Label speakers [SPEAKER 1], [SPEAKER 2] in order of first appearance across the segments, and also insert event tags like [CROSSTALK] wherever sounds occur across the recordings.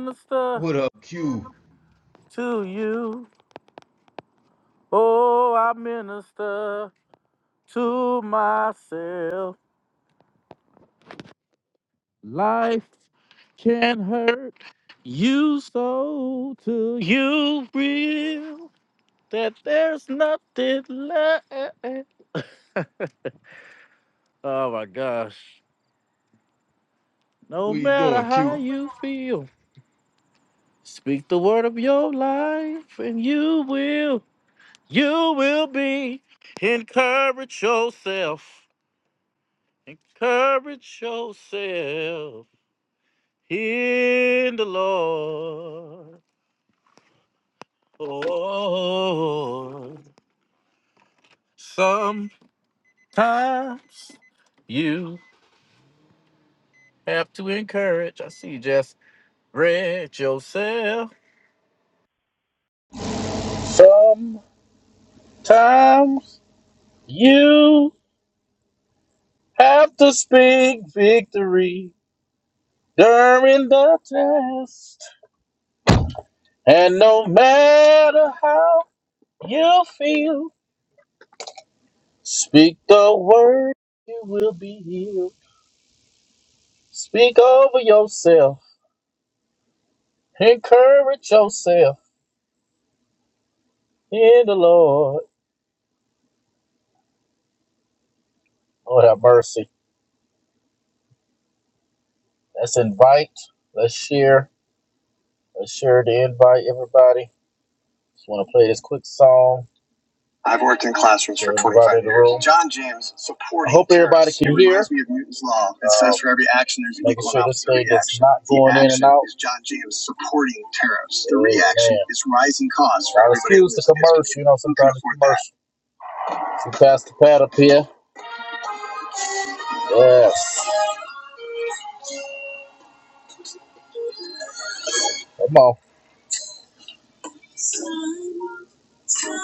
[SPEAKER 1] Minister
[SPEAKER 2] What up, Q?
[SPEAKER 1] to you. Oh, I minister. to myself. Life can hurt you so till you feel that there's nothing left. Oh my gosh. No
[SPEAKER 2] What you
[SPEAKER 1] matter
[SPEAKER 2] doing,
[SPEAKER 1] how
[SPEAKER 2] Q?
[SPEAKER 1] you feel, speak the word of your life and you will, you will be. Encourage yourself. Encourage yourself in the Lord. Lord, sometimes you have to encourage. I see you just read yourself. Sometimes you have to speak victory during the test. And no matter how you feel, speak the word, you will be healed. Speak over yourself. Encourage yourself. In the Lord. Lord have mercy. Let's invite. Let's share. Let's share the invite, everybody. Just want to play this quick song. I've worked in classrooms for 25 years. John James supporting. I hope everybody terrorists. can hear. it Reminds me of Newton's law. It uh, says for every action there's an equal sure and this reaction. not going The going in and action out. Is John James supporting tariffs? The Amen. reaction man. is rising costs. For I refuse to commerce. You know, sometimes commerce. commercial. That. Some Pastor up here. Yes. Come on. Come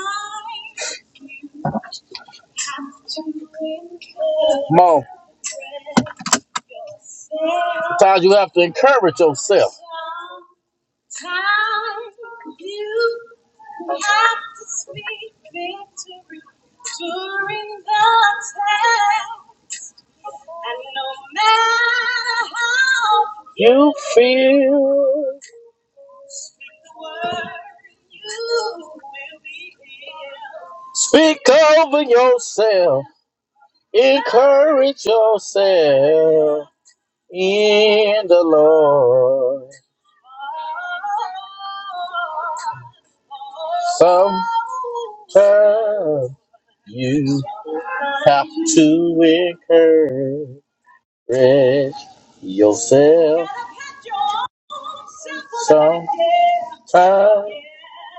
[SPEAKER 1] on. Sometimes you have to encourage yourself time you have to speak victory during the test. And no matter how you feel, speak the word, you will be healed. Speak over yourself, encourage yourself in the Lord. Sometimes you have to encourage yourself. Sometimes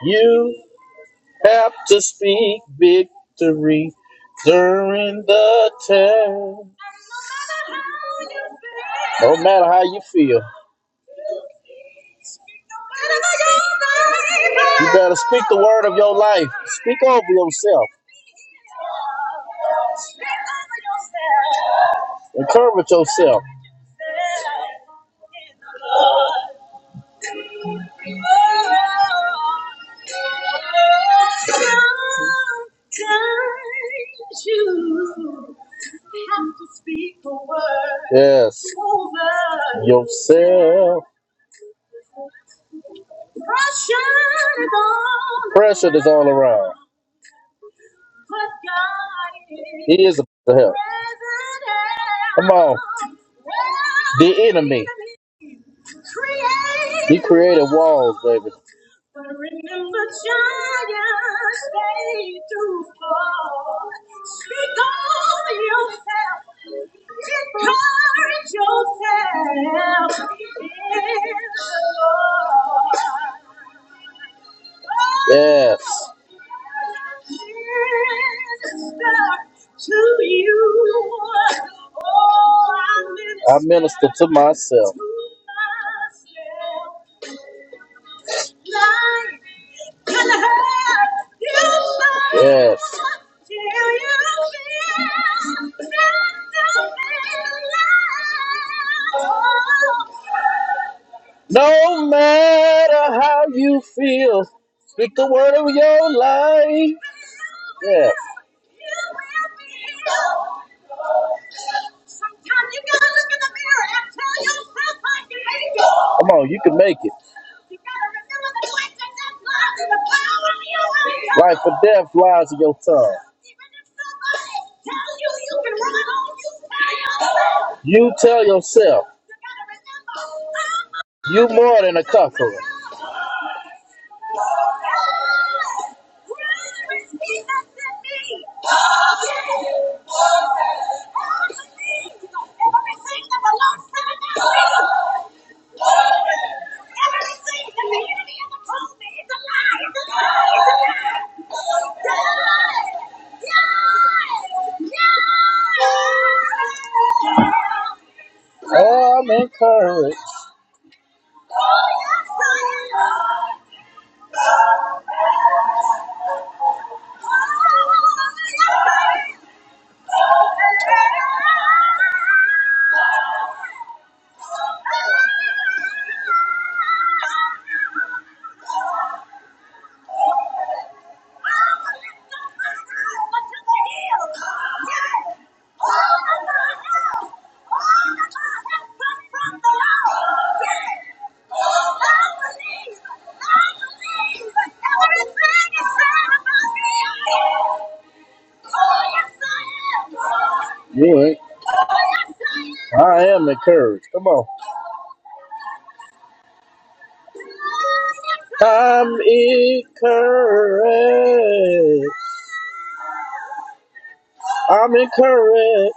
[SPEAKER 1] you have to speak victory during the test. No matter how you feel, you better speak the word of your life. Speak over yourself. Encourage yourself. Sometimes you have to speak the word. Yes. Over yourself. Pressure is all Pressure is all around. He is supposed to help. Come on. The enemy. He created walls, baby. Yes. I minister to myself. Yes. No matter how you feel, Speak the word of your life. Yeah. Come on, you can make it. Life or death lies in your tongue. You tell yourself. You more than a cuckold. Oh, I'm encouraged. Thank you. You I am encouraged. Come on. I'm incorrect. I'm incorrect.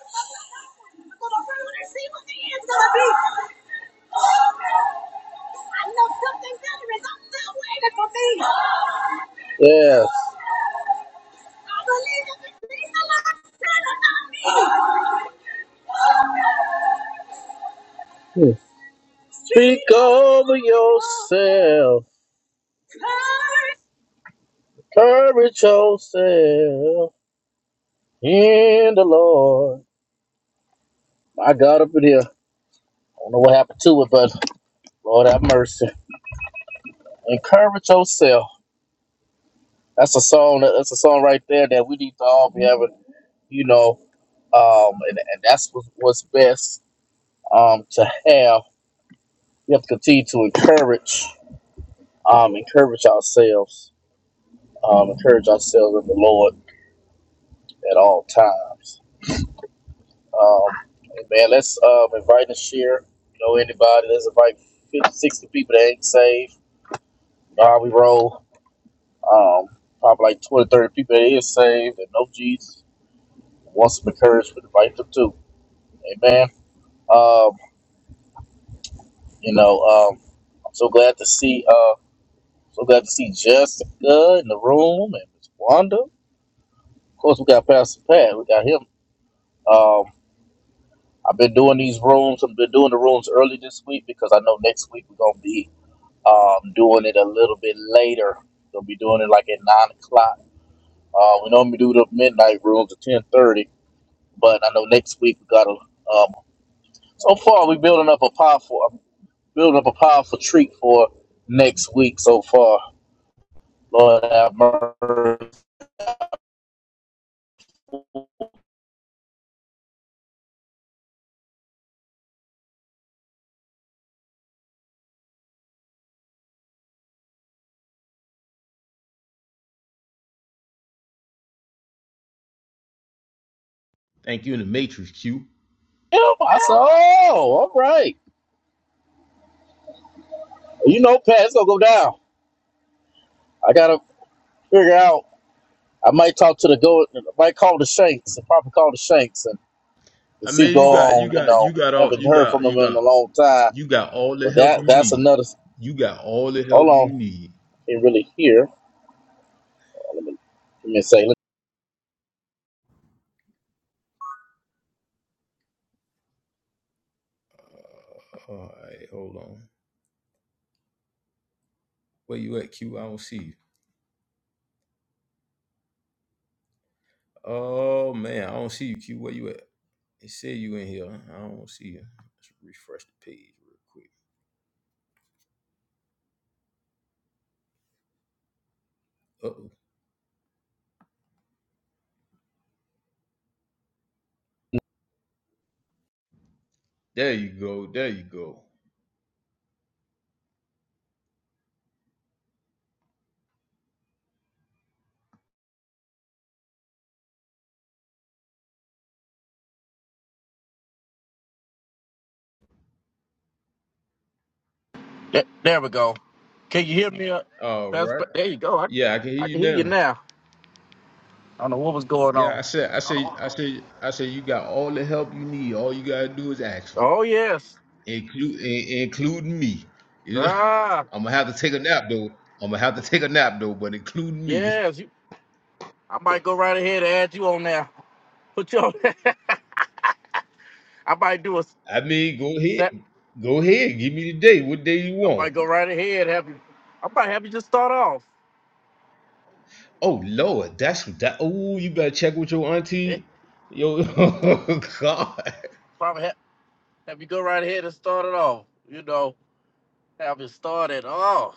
[SPEAKER 1] Yes. Hmm. Speak over yourself. Courage yourself. And the Lord, I got up in here. I don't know what happened to it, but Lord have mercy. Encourage yourself. That's a song. That's a song right there that we need to all be having. You know, um, and, and that's what, what's best um, to have. We have to continue to encourage, um, encourage ourselves, um, encourage ourselves in the Lord at all times. Um, man, let's um, invite and share. You know, anybody. Let's invite 50, 60 people that ain't saved. How we roll. Um, probably like 20, 30 people that is saved and know Jesus. Once some encouragement, invite them too. Amen. Um, you know, um, I'm so glad to see uh so glad to see Jessica in the room and Miss Wanda. Of course we got Pastor Pat, we got him. Um I've been doing these rooms, I've been doing the rooms early this week because I know next week we're gonna be um doing it a little bit later. We'll be doing it like at nine o'clock. Uh, we normally do the midnight rooms at ten thirty but I know next week we got a. Um, so far, we're building up a powerful, building up a powerful treat for next week. So far, Lord have mercy.
[SPEAKER 2] Thank you in the Matrix, Q.
[SPEAKER 1] Yeah, I said, oh, all right. You know, Pat, it's gonna go down. I gotta figure out. I might talk to the go. I might call the Shanks. and probably call the Shanks and, and
[SPEAKER 2] I
[SPEAKER 1] see
[SPEAKER 2] mean, you
[SPEAKER 1] what go
[SPEAKER 2] got, you
[SPEAKER 1] on. You
[SPEAKER 2] got, you
[SPEAKER 1] know,
[SPEAKER 2] got all,
[SPEAKER 1] haven't
[SPEAKER 2] you
[SPEAKER 1] heard from
[SPEAKER 2] got,
[SPEAKER 1] them
[SPEAKER 2] you
[SPEAKER 1] in a
[SPEAKER 2] got,
[SPEAKER 1] long time.
[SPEAKER 2] you got all the
[SPEAKER 1] But
[SPEAKER 2] help
[SPEAKER 1] that
[SPEAKER 2] you
[SPEAKER 1] that's
[SPEAKER 2] need.
[SPEAKER 1] another.
[SPEAKER 2] You got all the
[SPEAKER 1] Hold
[SPEAKER 2] help you
[SPEAKER 1] on,
[SPEAKER 2] need.
[SPEAKER 1] can't really hear. Let me let me say.
[SPEAKER 2] All right, hold on. Where you at, Q? I don't see you. Oh man, I don't see you, Q. Where you at? It said you in here. I don't see you. Let's refresh the page real quick. Uh oh. There you go. There you go.
[SPEAKER 1] Th- There we go. Can you hear me? Uh,
[SPEAKER 2] All
[SPEAKER 1] That's
[SPEAKER 2] right.
[SPEAKER 1] there you go. I
[SPEAKER 2] Yeah, I can hear
[SPEAKER 1] I
[SPEAKER 2] you
[SPEAKER 1] can hear you
[SPEAKER 2] now.
[SPEAKER 1] now. I don't know what was going
[SPEAKER 2] Yeah,
[SPEAKER 1] on.
[SPEAKER 2] I said, I said, I said, I said, you got all the help you need. All you gotta do is action,
[SPEAKER 1] Oh yes.
[SPEAKER 2] include, including me. You know,
[SPEAKER 1] Ah
[SPEAKER 2] [LAUGHS] I'm gonna have to take a nap though. I'm gonna have to take a nap though, but including me.
[SPEAKER 1] yes. You, I might go right ahead and add you on now. Put you on. [LAUGHS] I might do a s-
[SPEAKER 2] I mean, go ahead,
[SPEAKER 1] set.
[SPEAKER 2] go ahead, give me the day. What day you
[SPEAKER 1] I might
[SPEAKER 2] want?
[SPEAKER 1] go right ahead. Have you? I might have you just start off.
[SPEAKER 2] Oh Lord, that's that. Oh, you better check with your
[SPEAKER 1] Eh,
[SPEAKER 2] auntie. Yo, [LAUGHS] oh, God.
[SPEAKER 1] probably have, have you go right ahead and start it off. You know, have it started off.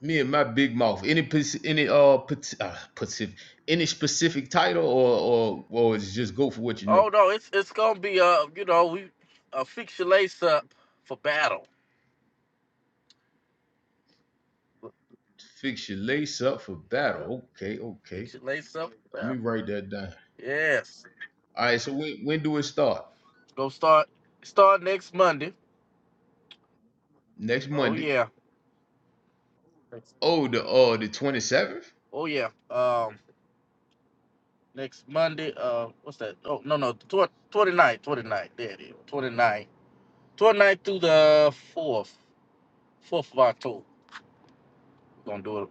[SPEAKER 2] Me and my big mouth. Any pers- any uh, pat- uh pacif- any specific title or or or it's just go for what you know.
[SPEAKER 1] Oh no, it's it's gonna be uh you know we uh, fix your lace up for battle.
[SPEAKER 2] Fix your lace up for
[SPEAKER 1] Yep,
[SPEAKER 2] battle. Okay, okay.
[SPEAKER 1] fix your lace up
[SPEAKER 2] Let me write that down.
[SPEAKER 1] Yes.
[SPEAKER 2] All right. So when when do it start?
[SPEAKER 1] It's gonna start start next Monday.
[SPEAKER 2] Next
[SPEAKER 1] Oh
[SPEAKER 2] Monday.
[SPEAKER 1] yeah.
[SPEAKER 2] Oh, the uh the twenty seventh.
[SPEAKER 1] Oh yeah. Um next Monday, uh what's that? Oh no no tw- twenty ninth. There it is. is. Twenty ninth, twenty ninth through the fourth. Fourth of October. We're gonna do it.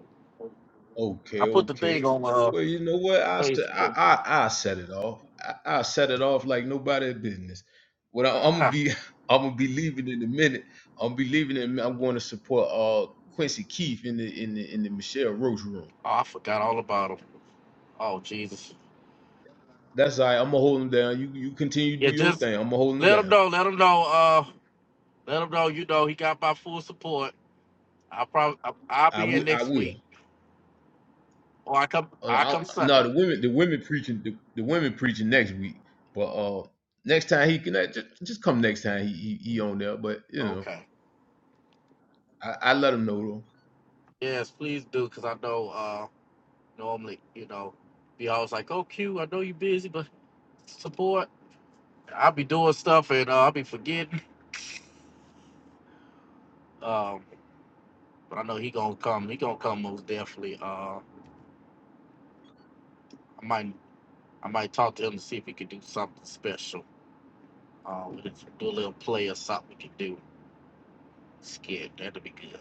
[SPEAKER 2] Okay,
[SPEAKER 1] I put the
[SPEAKER 2] okay.
[SPEAKER 1] thing on uh
[SPEAKER 2] Well, you know what? I set I
[SPEAKER 1] Facebook.
[SPEAKER 2] I, I set it off. I, I set it off like nobody's business. What I, I'm gonna
[SPEAKER 1] Ah,
[SPEAKER 2] be [LAUGHS] I'm gonna be leaving in a minute. I'm gonna be leaving and I'm going to support uh Quincy Keith in the in the in the Michelle Roach room.
[SPEAKER 1] oh, I forgot all about him. Oh Jesus.
[SPEAKER 2] That's all right. I'm gonna hold him down. You you continue to do
[SPEAKER 1] Yeah,
[SPEAKER 2] your
[SPEAKER 1] just
[SPEAKER 2] thing. I'm gonna hold him
[SPEAKER 1] let him
[SPEAKER 2] down.
[SPEAKER 1] know, let him know, uh let him know, you know, he got my full support. I probably I, I'll
[SPEAKER 2] I
[SPEAKER 1] be
[SPEAKER 2] will.
[SPEAKER 1] in
[SPEAKER 2] I
[SPEAKER 1] next
[SPEAKER 2] will.
[SPEAKER 1] week. Or I come
[SPEAKER 2] Uh,
[SPEAKER 1] I
[SPEAKER 2] I,
[SPEAKER 1] come Sunday.
[SPEAKER 2] no, the women, the women preaching, the, the women preaching next week. But uh, next time he can uh, just, just come next time he, he he on there. But you know,
[SPEAKER 1] Okay.
[SPEAKER 2] I, I let him know though.
[SPEAKER 1] Yes, please do, because I know uh, normally, you know, be always like, oh, Q, I know you're busy, but support. I'll be doing stuff and uh, I'll be forgetting. Um, but I know he gonna come. He gonna come most definitely. Uh, I might, I might talk to him to see if he could do something special. Uh, we could do a little play or something we could do. Skit, that'd be good.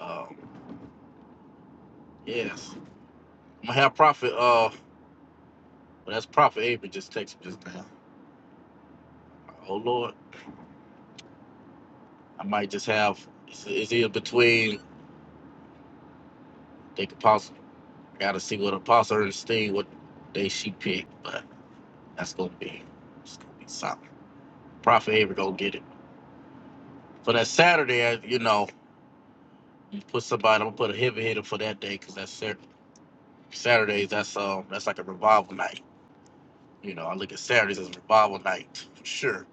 [SPEAKER 1] Um, yes, I'm gonna have Prophet. Uh, well, that's Prophet Avery just text me just now. Oh Lord, I might just have. It's, it's either between they could possibly. Gotta see what Apostle Ernestine what day she picked, but that's gonna be it's gonna be solid. Prophet Avery gonna get it. For that Saturday, I- you know, put somebody. I'm gonna put a heavy hitter for that day because that's Sat- Saturdays. That's um that's like a revival night. You know, I look at Saturdays as a revival night for sure.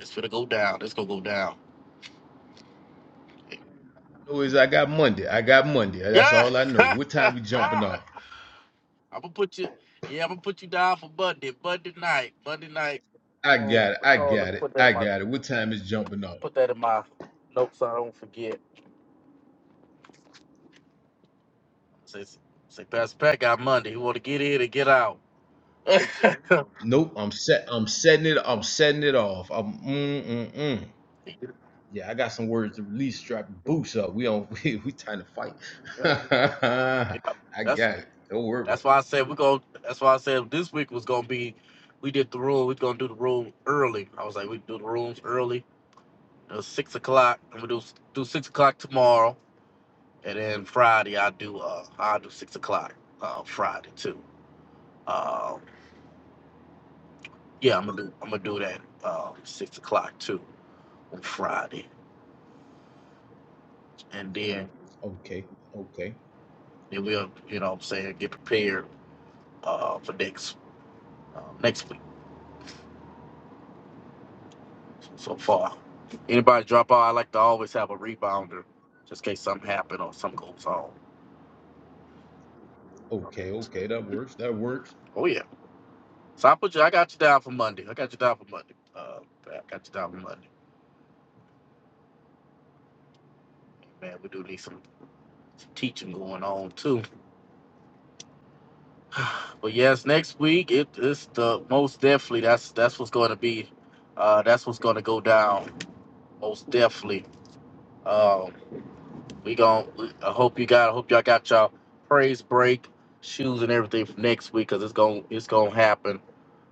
[SPEAKER 1] It's gonna go down. It's gonna go down.
[SPEAKER 2] No, is I got Monday. I got Monday. That's
[SPEAKER 1] Yeah,
[SPEAKER 2] all I know.
[SPEAKER 1] [LAUGHS]
[SPEAKER 2] What time we
[SPEAKER 1] I'm
[SPEAKER 2] jumping off?
[SPEAKER 1] gonna put you. Yeah, I'm gonna put you down for Monday. Monday night. Monday night.
[SPEAKER 2] I
[SPEAKER 1] Oh,
[SPEAKER 2] got it. I
[SPEAKER 1] oh, let
[SPEAKER 2] got
[SPEAKER 1] me
[SPEAKER 2] it.
[SPEAKER 1] put that
[SPEAKER 2] I
[SPEAKER 1] in my
[SPEAKER 2] got it. What time is jumping off?
[SPEAKER 1] put that in my notes. So I don't forget. Say, say, Pastor Pat got Monday. He want to get in and get out. [LAUGHS]
[SPEAKER 2] Nope. I'm set. I'm setting it. I'm setting it off. I'm mm mm mm. Yeah, I got some words to release. Strap your boots up. We on. [LAUGHS] We, we trying to fight. [LAUGHS]
[SPEAKER 1] Yep.
[SPEAKER 2] I
[SPEAKER 1] That's
[SPEAKER 2] got it. Don't worry about. it.
[SPEAKER 1] that's why I said we're gonna. That's why I said this week was gonna be. We did the room. We're gonna do the room early. I was like, we do the rooms early. It was six o'clock. I'm gonna do do six o'clock tomorrow, and then Friday I do. Uh, I do six o'clock. Uh, Friday too. Um, yeah, I'm gonna do. I'm gonna do that. Um, six o'clock too on Friday, and then
[SPEAKER 2] Okay, okay,
[SPEAKER 1] then we'll you know what I'm saying get prepared uh, for next um, next week. So far, anybody drop out, I like to always have a rebounder just in case something happen or something goes on.
[SPEAKER 2] okay, okay. That works. That works.
[SPEAKER 1] Oh yeah. So I put you. I got you down for Monday. I got you down for Monday. Uh, I got you down for Monday. Man, we do need some, some teaching going on too. [SIGHS] But yes, next week it is the most definitely. That's that's what's going to be. Uh, that's what's going to go down most definitely. Um, We gon' we- I hope you got. I hope y'all got y'all praise break shoes and everything for next week because it's gonna it's gonna happen.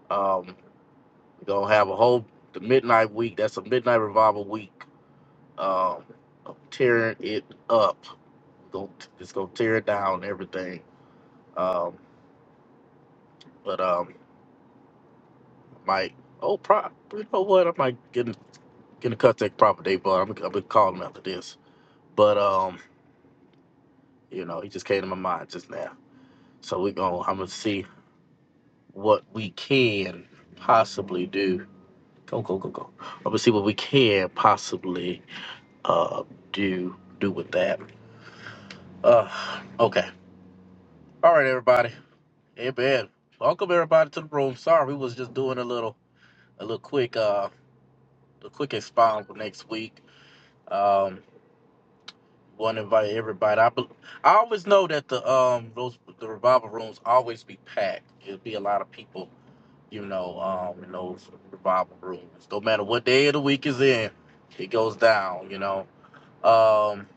[SPEAKER 1] Um, we're gonna have a whole the midnight week. That's a midnight revival week. Um, of tearing it up. Gonna it's gonna tear it down and everything. Um, but um, might oh pro. You know what? I might get in, get in contact with Prophet but I'm gonna I'm gonna call him after this. But um, you know, he just came to my mind just now. So we gonna I'm gonna see. what we can possibly do. Go, go, go, go. I'm gonna see what we can possibly uh do do with that. Uh okay. All right everybody. Amen. Welcome everybody to the room. Sorry we was just doing a little a little quick uh a quick expound for next week. Um wanna invite everybody. I bel I always know that the um those the revival rooms always be packed. It'll be a lot of people you know, um, in those revival rooms. No matter what day of the week is in, it goes down, you know. Um,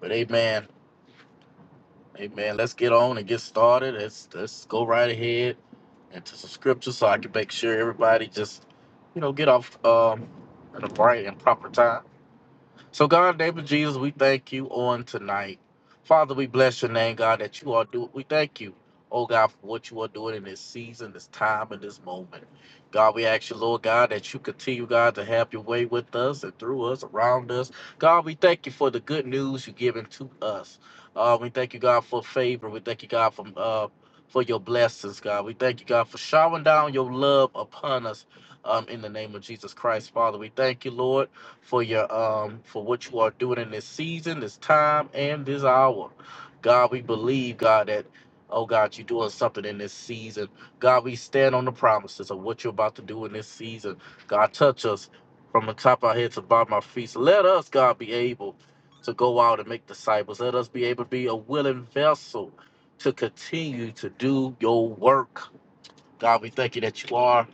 [SPEAKER 1] but amen, amen. Let's get on and get started. Let's let's go right ahead into some scripture so I can make sure everybody just, you know, get off um at a bright and proper time. So, God, in the name of Jesus, we thank you on tonight. Father, we bless your name, God, that you are doing. We thank you, oh God, for what you are doing in this season, this time, and this moment. God, we ask you, Lord God, that you continue, God, to have your way with us and through us, around us. God, we thank you for the good news you're giving to us. Uh, we thank you, God, for favor. We thank you, God, for, uh, for your blessings, God. We thank you, God, for showering down your love upon us um, in the name of Jesus Christ, Father. We thank you, Lord for your um for what you are doing in this season, this time, and this hour. God, we believe, God, that oh God, you're doing something in this season. God, we stand on the promises of what you're about to do in this season. God, touch us from the top of our head to the bottom of our feet. So let us, God, be able to go out and make disciples. Let us be able to be a willing vessel to continue to do your work. God, we thank you that you are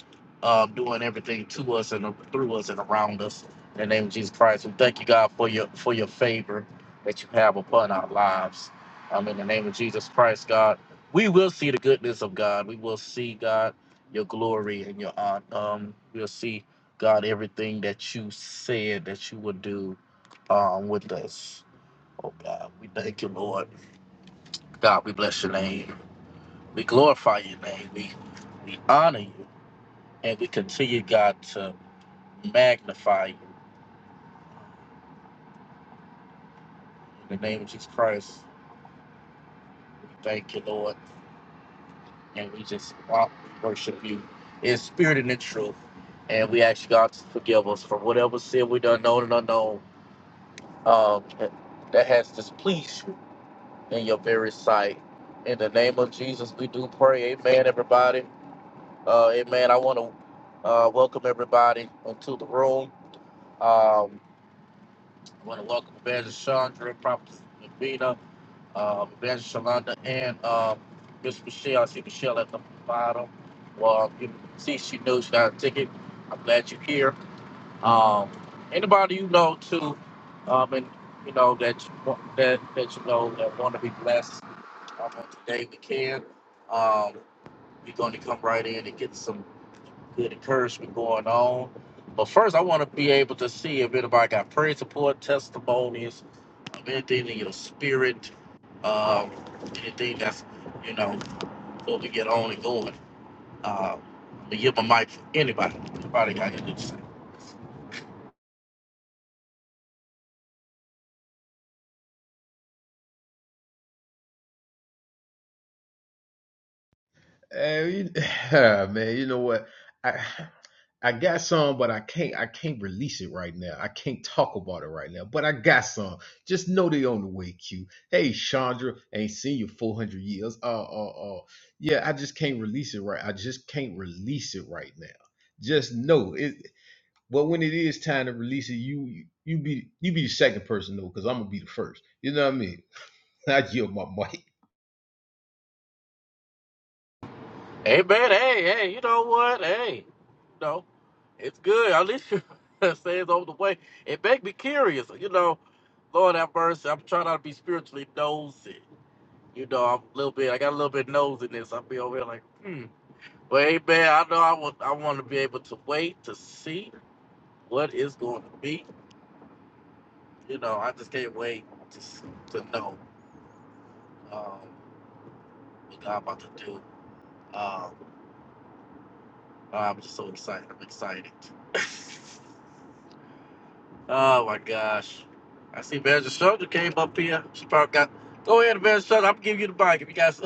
[SPEAKER 1] um, doing everything to us and through us and around us. In the name of Jesus Christ, we thank you, God, for your for your favor that you have upon our lives. Um, in the name of Jesus Christ, God, we will see the goodness of God. We will see God your glory and your honor. Um, we'll see God everything that you said that you would do um, with us. Oh God, we thank you, Lord. God, we bless your name. We glorify your name. We we honor you and we continue, God, to magnify you. In the name of Jesus Christ, we thank you, Lord, and we just wa- worship you in spirit and in truth. And we ask you, God to forgive us for whatever sin we done known and unknown um, that that has displeased you in your very sight. In the name of Jesus, we do pray. Amen, everybody. Uh, amen. I want to uh, welcome everybody into the room. Um, I want to welcome Evangelist Chandra, Prophet Navina, um, Evangelist Shalanda, and um, Miss Michelle. I see Michelle at the bottom. Well, you can see she knows she got a ticket. I'm glad you're here. Um, anybody you know too, um, and you know that you, want- that that you know that want to be blessed um, on today, we can. Um, we're going to come right in and get some good encouragement going on. But first, I want to be able to see if anybody got prayer support, testimonies, um, anything in your spirit, um, anything that's, you know, before we get on and going. Uh, I'm going to give my mic for anybody. Anybody got anything to say?
[SPEAKER 2] Hey, you- [SIGHS] man, you know what? I [SIGHS] I got some, but I can't I can't release it right now. I can't talk about it right now. But I got some. Just know they on the way, Q. Hey, Chandra, ain't seen you four hundred years. Uh, uh, uh. Yeah, I just can't release it right. I just can't release it right now. Just know it. But when it is time to release it, you you be you be the second person though, because I'm gonna be the first. You know what I mean? [LAUGHS] I yield my mic.
[SPEAKER 1] Hey, man, hey, hey, you know what? Hey, you know, it's good. At least you [LAUGHS] say it's over the way. It make me curious, you know. Lord have mercy. I'm trying not to be spiritually nosy. You know, I'm a little bit. I got a little bit nose in this. I'll be over here like, hmm. But hey, man, I know I want. I want to be able to wait to see what is going to be. You know, I just can't wait to s- to know um, what God about to do. Um, I'm just so excited. I'm excited. [LAUGHS] oh my gosh! I see Manager Shudder came up here. She probably got. Go ahead, Manager Shudder. I'm giving you the mic if you guys.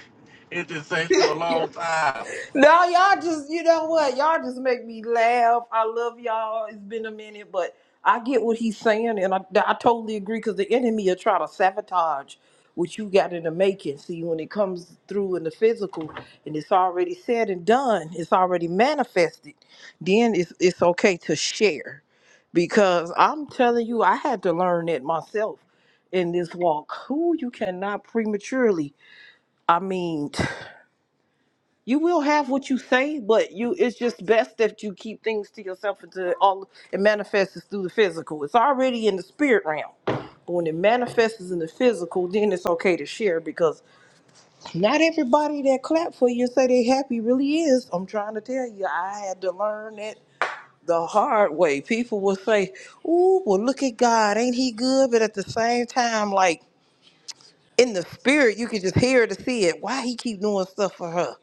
[SPEAKER 1] [LAUGHS] it's just say it's been a long time.
[SPEAKER 3] No, y'all just, you know what? Y'all just make me laugh. I love y'all. It's been a minute, but I get what he's saying, and I, I totally agree because the enemy will try to sabotage what you got in the making. See, when it comes through in the physical and it's already said and done, it's already manifested, then it's, it's okay to share. Because I'm telling you, I had to learn it myself in this walk. Who you cannot prematurely, I mean. [SIGHS] you will have what you say, but you it's just best that you keep things to yourself until all it manifests through the physical. It's already in the spirit realm. But when it manifests in the physical, then it's okay to share because not everybody that clap for you and say they happy really is. I'm trying to tell you, I had to learn it the hard way. People will say, Ooh, well look at God, ain't he good? But at the same time, like in the spirit, you can just hear to see it. Why he keep doing stuff for her?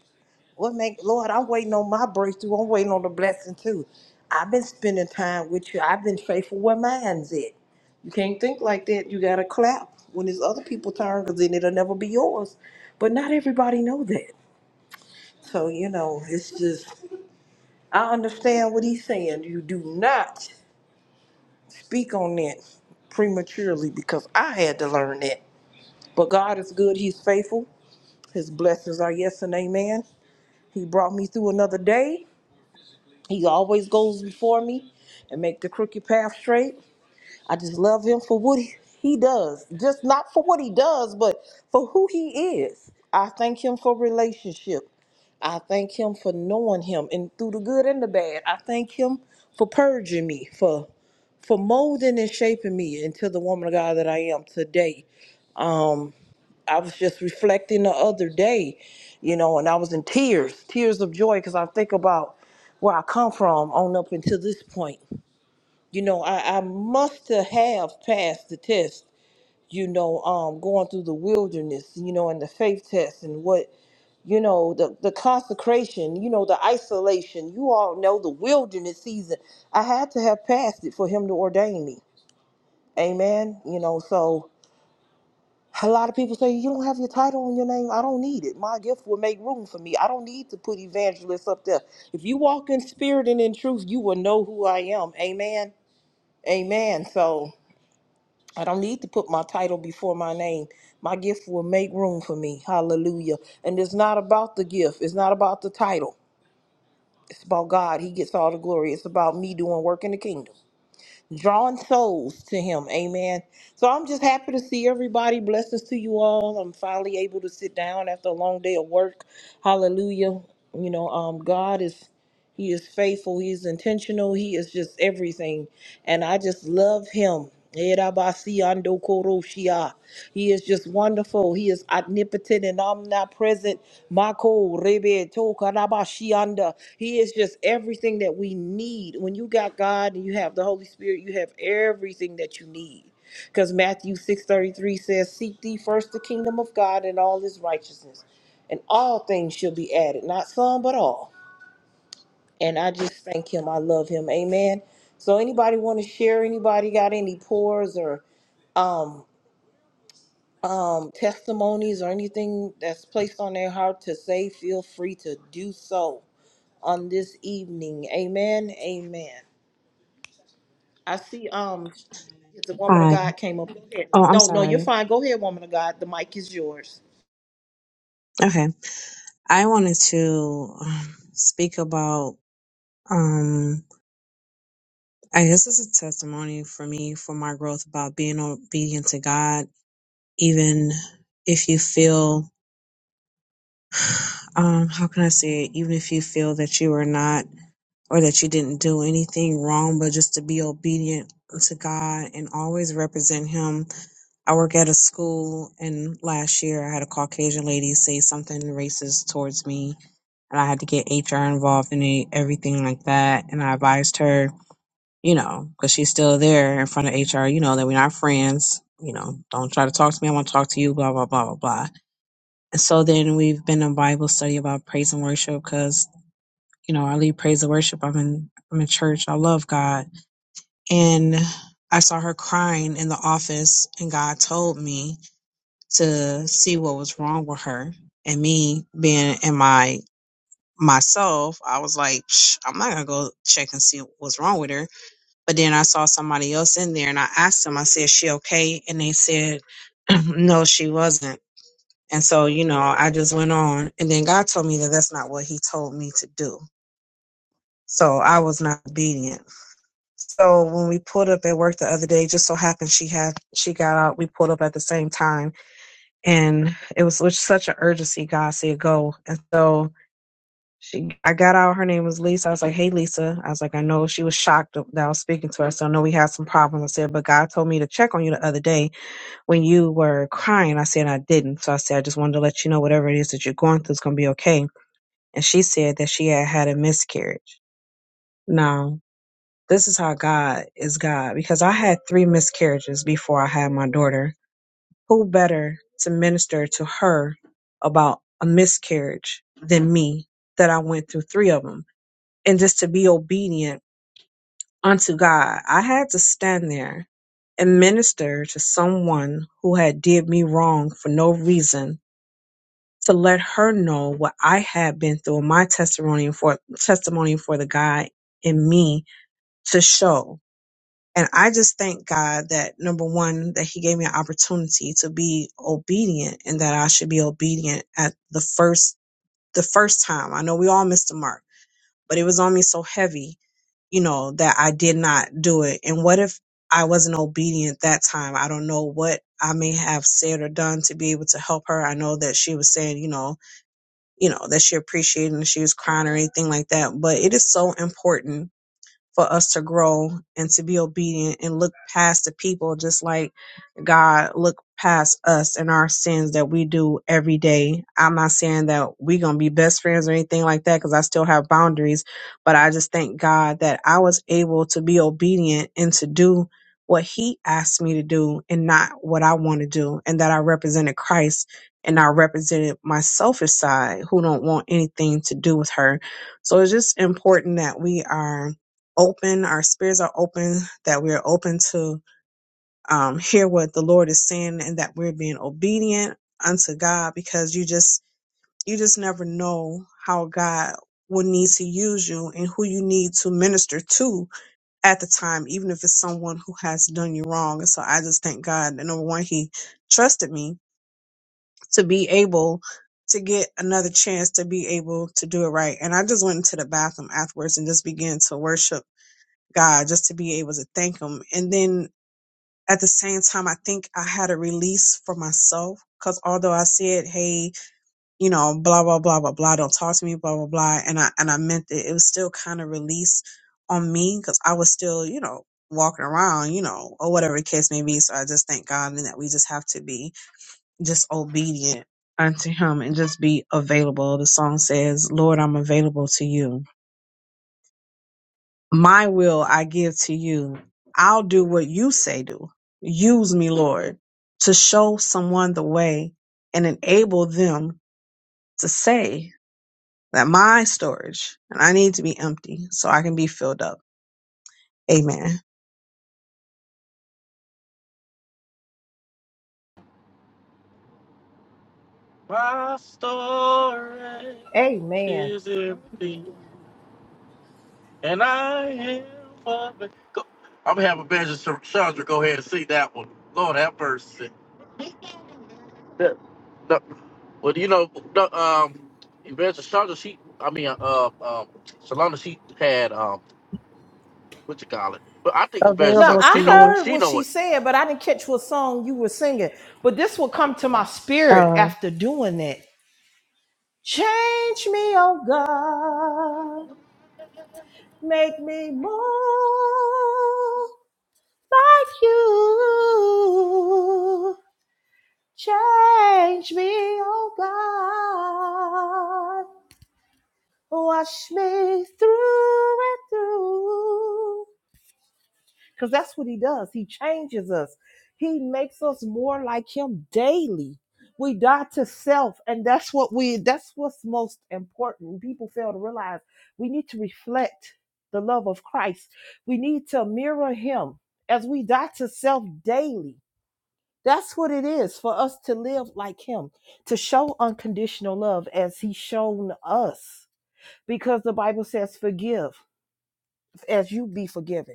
[SPEAKER 3] What make Lord, I'm waiting on my breakthrough. I'm waiting on the blessing too. I've been spending time with you. I've been faithful where mine's at. You can't think like that. You gotta clap when it's other people' turn, because then it'll never be yours. But not everybody know that. So you know, it's just I understand what he's saying. You do not speak on that prematurely because I had to learn that. But God is good. He's faithful. His blessings are yes and amen. He brought me through another day. He always goes before me and make the crooked path straight. I just love him for what he he does. Just not for what he does, but for who he is. I thank him for relationship. I thank him for knowing him and through the good and the bad. I thank him for purging me, for for molding and shaping me into the woman of God that I am today. Um, I was just reflecting the other day, you know, and I was in tears, tears of joy, because I think about where I come from on up until this point. You know, I, I must have passed the test, you know, um, going through the wilderness, you know, and the faith test and what, you know, the, the consecration, you know, the isolation. You all know the wilderness season. I had to have passed it for him to ordain me. Amen. You know, so a lot of people say, You don't have your title in your name. I don't need it. My gift will make room for me. I don't need to put evangelist up there. If you walk in spirit and in truth, you will know who I am. Amen. Amen. So I don't need to put my title before my name. My gift will make room for me. Hallelujah. And it's not about the gift, it's not about the title. It's about God. He gets all the glory. It's about me doing work in the kingdom drawing souls to him. Amen. So I'm just happy to see everybody. Blessings to you all. I'm finally able to sit down after a long day of work. Hallelujah. You know, um, God is he is faithful. He is intentional. He is just everything. And I just love him. Erabasiandokoroshia. He is just wonderful. He is omnipotent and omnipresent. Mako rebe tokarabashianda. He is just everything that we need. When you got God and you have the Holy Spirit, you have everything that you need. Because Matthew 6.33 says, Seek thee first the kingdom of God and all his righteousness, and all things shall be added. Not some, but all and I just thank him. I love him. Amen. So anybody want to share? Anybody got any pores or um um testimonies or anything that's placed on their heart to say? Feel free to do so on this evening. Amen. Amen. I see um the woman of
[SPEAKER 4] Hi.
[SPEAKER 3] God came up. Go ahead.
[SPEAKER 4] Oh, I'm
[SPEAKER 3] No, no, you're
[SPEAKER 4] sorry.
[SPEAKER 3] fine. Go ahead, woman of God. The mic is yours.
[SPEAKER 4] Okay. I wanted to um, speak about, um, I guess it's a testimony for me for my growth about being obedient to God, even if you feel, [SIGHS] um, how can I say it? Even if you feel that you are not or that you didn't do anything wrong, but just to be obedient to God and always represent Him. I work at a school and last year I had a Caucasian lady say something racist towards me and I had to get HR involved in it, everything like that. And I advised her, you know, because she's still there in front of HR, you know, that we're not friends. You know, don't try to talk to me. I want to talk to you, blah, blah, blah, blah, blah. And so then we've been in Bible study about praise and worship because, you know, I lead praise and worship. I'm in, I'm in church. I love God. And I saw her crying in the office and God told me to see what was wrong with her and me being in my myself, I was like, "Psh, I'm not gonna go check and see what's wrong with her. But then I saw somebody else in there and I asked them, I said, she okay? And they said, [CLEARS THROAT] no, she wasn't. And so, you know, I just went on. And then God told me that that's not what He told me to do. So I was not obedient. So when we pulled up at work the other day, just so happened she had, she got out, we pulled up at the same time. And it was with such an urgency, God said, go. And so She, I got out. Her name was Lisa. I was like, "Hey, Lisa." I was like, "I know." She was shocked that I was speaking to her. So I know we had some problems. I said, "But God told me to check on you the other day when you were crying." I said, "I didn't." So I said, "I just wanted to let you know whatever it is that you're going through is going to be okay." And she said that she had had a miscarriage. Now, this is how God is God because I had three miscarriages before I had my daughter. Who better to minister to her about a miscarriage than me that I went through three of them and just to be obedient unto God. I had to stand there and minister to someone who had did me wrong for no reason to let her know what I had been through my testimony for testimony for the God in me to show. And I just thank God that number one, that he gave me an opportunity to be obedient and that I should be obedient at the first the first time. I know we all missed the mark, but it was on me so heavy you know, that I did not do it. And what if I wasn't obedient that time? I don't know what I may have said or done to be able to help her. I know that she was saying, you know, you know, that she appreciated and she was crying or anything like that. But it is so important for us to grow and to be obedient and look past the people just like God look past us and our sins that we do every day. I'm not saying that we are going to be best friends or anything like that cuz I still have boundaries, but I just thank God that I was able to be obedient and to do what he asked me to do and not what I want to do and that I represented Christ and I represented my selfish side who don't want anything to do with her. So it's just important that we are open, our spirits are open, that we're open to um, hear what the Lord is saying and that we're being obedient unto God because you just you just never know how God will need to use you and who you need to minister to at the time, even if it's someone who has done you wrong. And so I just thank God that number one, he trusted me to be able to get another chance to be able to do it right. And I just went into the bathroom afterwards and just began to worship God just to be able to thank him. And then at the same time, I think I had a release for myself because although I said, Hey, you know, blah, blah, blah, blah, blah, don't talk to me, blah, blah, blah. And I, and I meant it. It was still kind of release on me because I was still, you know, walking around, you know, or whatever the case may be. So I just thank God and that we just have to be just obedient unto him and just be available. The song says, Lord, I'm available to you My will I give to you. I'll do what you say do. Use me, Lord, to show someone the way and enable them to say that my storage and I need to be empty so I can be filled up. Amen.
[SPEAKER 1] My story
[SPEAKER 3] Amen.
[SPEAKER 1] is empty, and I am for me. Go. I'm having to have Chandra go ahead and see that one. Lord have mercy. That, no, well, you know, no, um, Evangelist Chandra, she, I mean, uh, um, Solana, she had, um, what you call it? But I think Evangelist
[SPEAKER 3] Now
[SPEAKER 4] Available
[SPEAKER 1] Chandra,
[SPEAKER 4] to
[SPEAKER 3] I
[SPEAKER 1] she know it,
[SPEAKER 4] you.
[SPEAKER 3] heard
[SPEAKER 1] she
[SPEAKER 3] what
[SPEAKER 1] know
[SPEAKER 3] she
[SPEAKER 1] it.
[SPEAKER 3] said, but I didn't catch what song you were singing. But this will come to my spirit after doing that. Change me, oh God. Make me more like you. Change me, oh God. Wash me through and through. because that's what he does. He changes us. He makes us more like him daily. We die to self, and that's what we that's what's most important. People fail to realize we need to reflect the love of Christ. We need to mirror him as we die to self daily. That's what it is for us to live like him, to show unconditional love as he's shown us. Because the Bible says, forgive as you be forgiven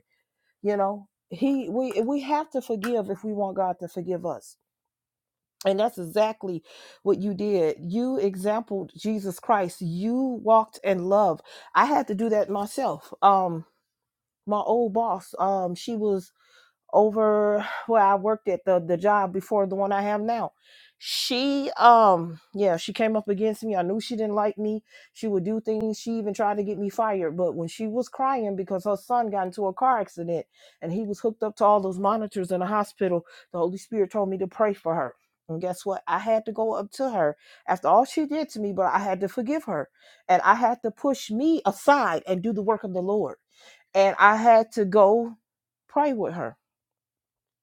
[SPEAKER 3] you know he we we have to forgive if we want god to forgive us and that's exactly what you did you exampled jesus christ you walked in love i had to do that myself um my old boss um she was over where I worked at the the job before the one I have now. She um yeah, she came up against me. I knew she didn't like me. She would do things. She even tried to get me fired, but when she was crying because her son got into a car accident and he was hooked up to all those monitors in the hospital, the Holy Spirit told me to pray for her. And guess what? I had to go up to her after all she did to me, but I had to forgive her. And I had to push me aside and do the work of the Lord. And I had to go pray with her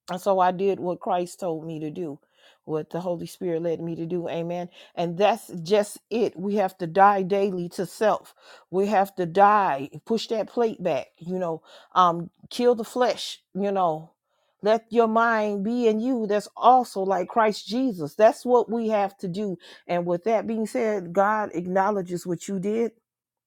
[SPEAKER 3] and so I did what Christ told me to do, what the Holy Spirit led me to do. Amen. And that's just it. We have to die daily to self. We have to die, push that plate back, you know, um, kill the flesh, you know. Let your mind be in you. That's also like Christ Jesus. That's what we have to do. And with that being said, God acknowledges what you did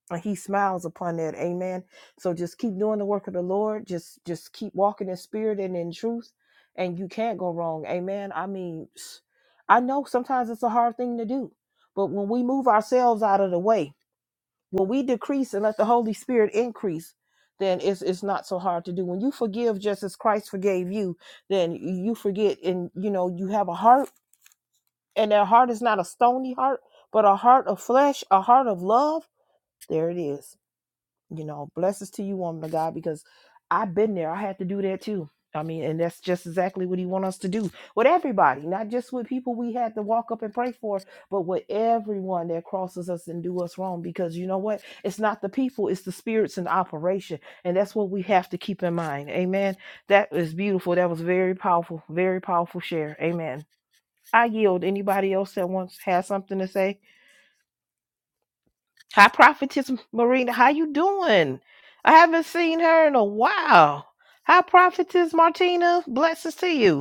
[SPEAKER 3] and he smiles upon that amen so just keep doing the work of the lord just just keep walking in spirit and in truth and you can't go wrong amen i mean [SNIFFS] I know sometimes it's a hard thing to do but when we move ourselves out of the way when we decrease and let the holy spirit increase then it's, it's not so hard to do when you forgive just as christ forgave you then you forget and you know you have a heart and that heart is not a stony heart but a heart of flesh a heart of love there it is you know blessings to you woman of god because i've been there i had to do that too i mean and that's just exactly what he want us to do with everybody not just with people we had to walk up and pray for but with everyone that crosses us and do us wrong because you know what it's not the people it's the spirits in operation and that's what we have to keep in mind amen that is beautiful that was very powerful very powerful share amen i yield anybody else that wants has something to say Hi, Prophetess Marina. How you doing? I haven't seen her in a while. Hi, Prophetess Martina. Blessings to you.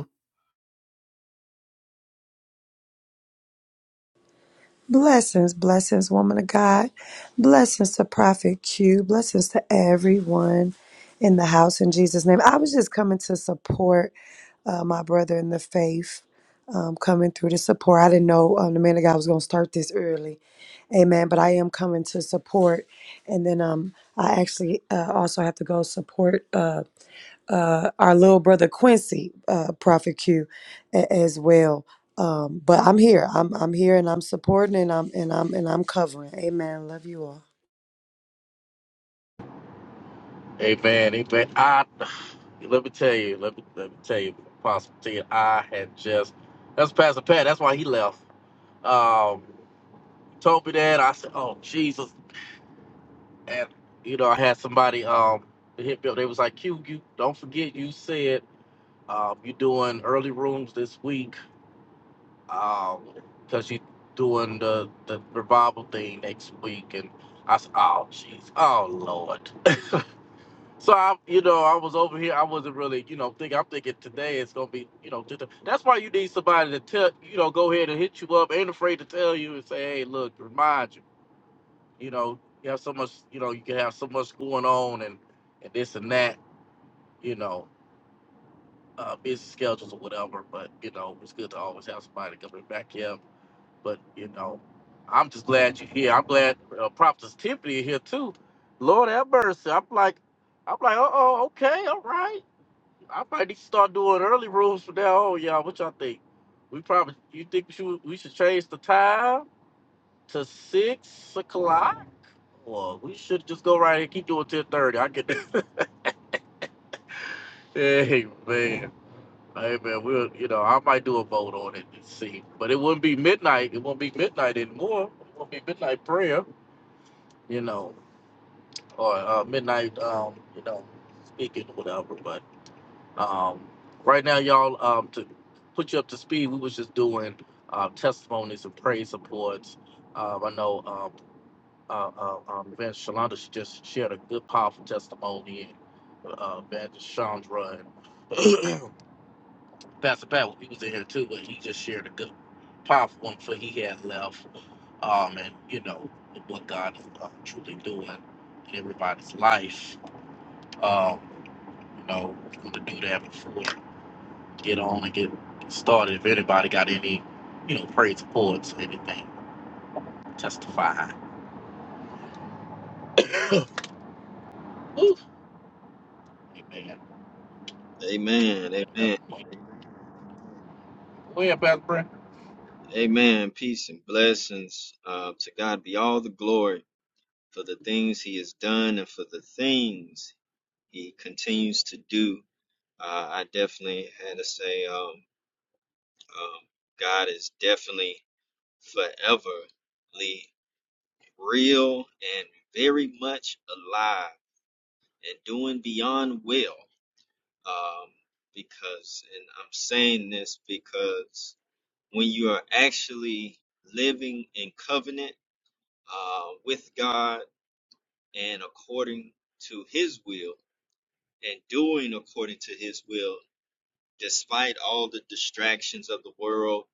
[SPEAKER 5] Blessings, blessings, woman of God. Blessings to Prophet Q. Blessings to everyone in the house in Jesus' name. I was just coming to support uh, my brother in the faith, um, coming through to support. I didn't know um, the man of God was going to start this early. Amen. But I am coming to support. And then um, I actually uh, also have to go support. uh, uh, our little brother Quincy, uh, Prophet Q, a- as well. Um, but I'm here. I'm I'm here, and I'm supporting, and I'm and I'm and I'm covering. Amen. Love you all.
[SPEAKER 1] Amen, amen. I, let me tell you, let me, let me tell you, Apostle Ted, I had just, that's Pastor Pat, that's why he left. um, told me that. I said, "Oh Jesus!" And you know, I had somebody um hit me up. They was like, "Q, you don't forget you said um, you're doing early rooms this week because you're doing the the revival thing next week." And I said, "Oh jeez, oh Lord." [LAUGHS] So I, you know, I was over here. I wasn't really, you know, thinking. I'm thinking today it's gonna be, you know, just a- that's why you need somebody to tell, you know, go ahead and hit you up. Ain't afraid to tell you and say, "Hey, look, remind you." you know, you have so much, you know, you can have so much going on and, and this and that, you know, uh, busy schedules or whatever. But, you know, it's good to always have somebody coming back here. But, you know, I'm just glad you're here. I'm glad uh, Prophetess Tiffany here too. Lord have mercy. I'm like, I'm like, uh oh, okay, all right. I might need to start doing early rooms from now on, y'all. What y'all think? We probably, you think we should, we should change the time to six o'clock? Well, we should just go right and keep doing ten thirty. I can. [LAUGHS] hey man, hey man, we'll you know I might do a vote on it and see, but it wouldn't be midnight. It won't be midnight anymore. It won't be midnight prayer, you know, or uh, midnight um you know speaking or whatever. But um right now, y'all um to put you up to speed, we was just doing uh, testimonies and praise supports. Um, I know um, uh, uh, um, Evangelist Shalonda, she just shared a good, powerful testimony. And uh, Evangelist Chandra and [CLEARS THROAT] Pastor Pat, he was in here too, but he just shared a good, powerful one for he had left. Um, and you know what God is uh, truly doing in everybody's life. Um, you know, want to do that before we get on and get started. If anybody got any, you know, praise reports, anything, testify. [COUGHS] Woo. Amen.
[SPEAKER 6] Amen. Amen.
[SPEAKER 1] Yep. Go ahead, Pastor Brandon.
[SPEAKER 6] Amen. Peace and blessings. Uh, to God be all the glory for the things He has done and for the things He continues to do. Uh, I definitely had to say, um, um, God is definitely foreverly real and very much alive and doing beyond well. Um, because, and I'm saying this because when you are actually living in covenant uh, with God and according to His will and doing according to His will, despite all the distractions of the world,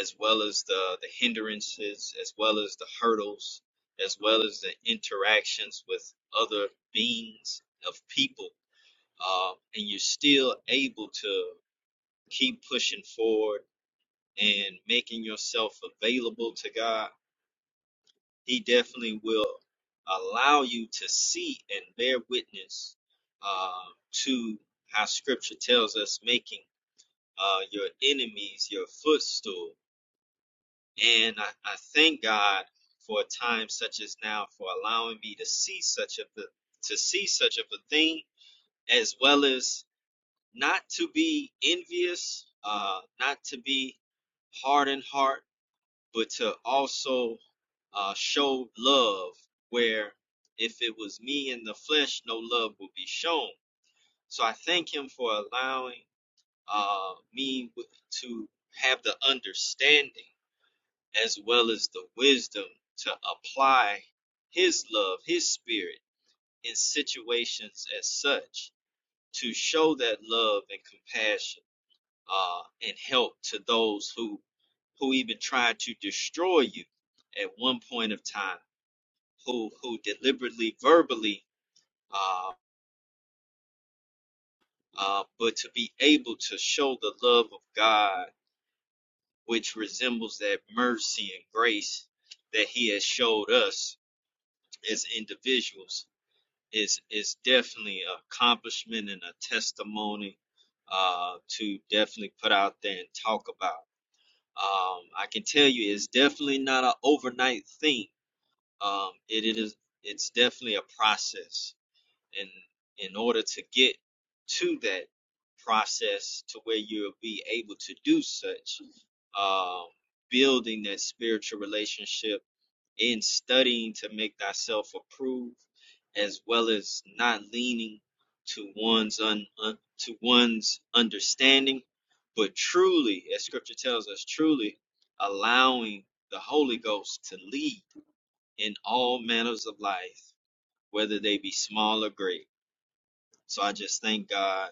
[SPEAKER 6] as well as the, the hindrances, as well as the hurdles, as well as the interactions with other beings of people, uh, and you're still able to keep pushing forward and making yourself available to God He definitely will allow you to see and bear witness uh, to how Scripture tells us making uh, your enemies your footstool. And I, I thank God for a time such as now for allowing me to see such of the to see such of a thing, as well as not to be envious, uh, not to be hard in heart, but to also uh, show love where if it was me in the flesh, no love would be shown. So I thank him for allowing uh, me to have the understanding as well as the wisdom to apply his love, his spirit in situations as such to show that love and compassion uh, and help to those who who even tried to destroy you at one point of time, who who deliberately, verbally, uh, uh, but to be able to show the love of God, which resembles that mercy and grace that He has showed us as individuals, is is definitely an accomplishment and a testimony uh, to definitely put out there and talk about. Um, I can tell you it's definitely not an overnight thing. Um, it, it is it's definitely a process, and in order to get to that process to where you'll be able to do such, um, building that spiritual relationship in studying to make thyself approved, as well as not leaning to one's un, un- to one's understanding, but truly, as Scripture tells us, truly allowing the Holy Ghost to lead in all manners of life, whether they be small or great. So I just thank God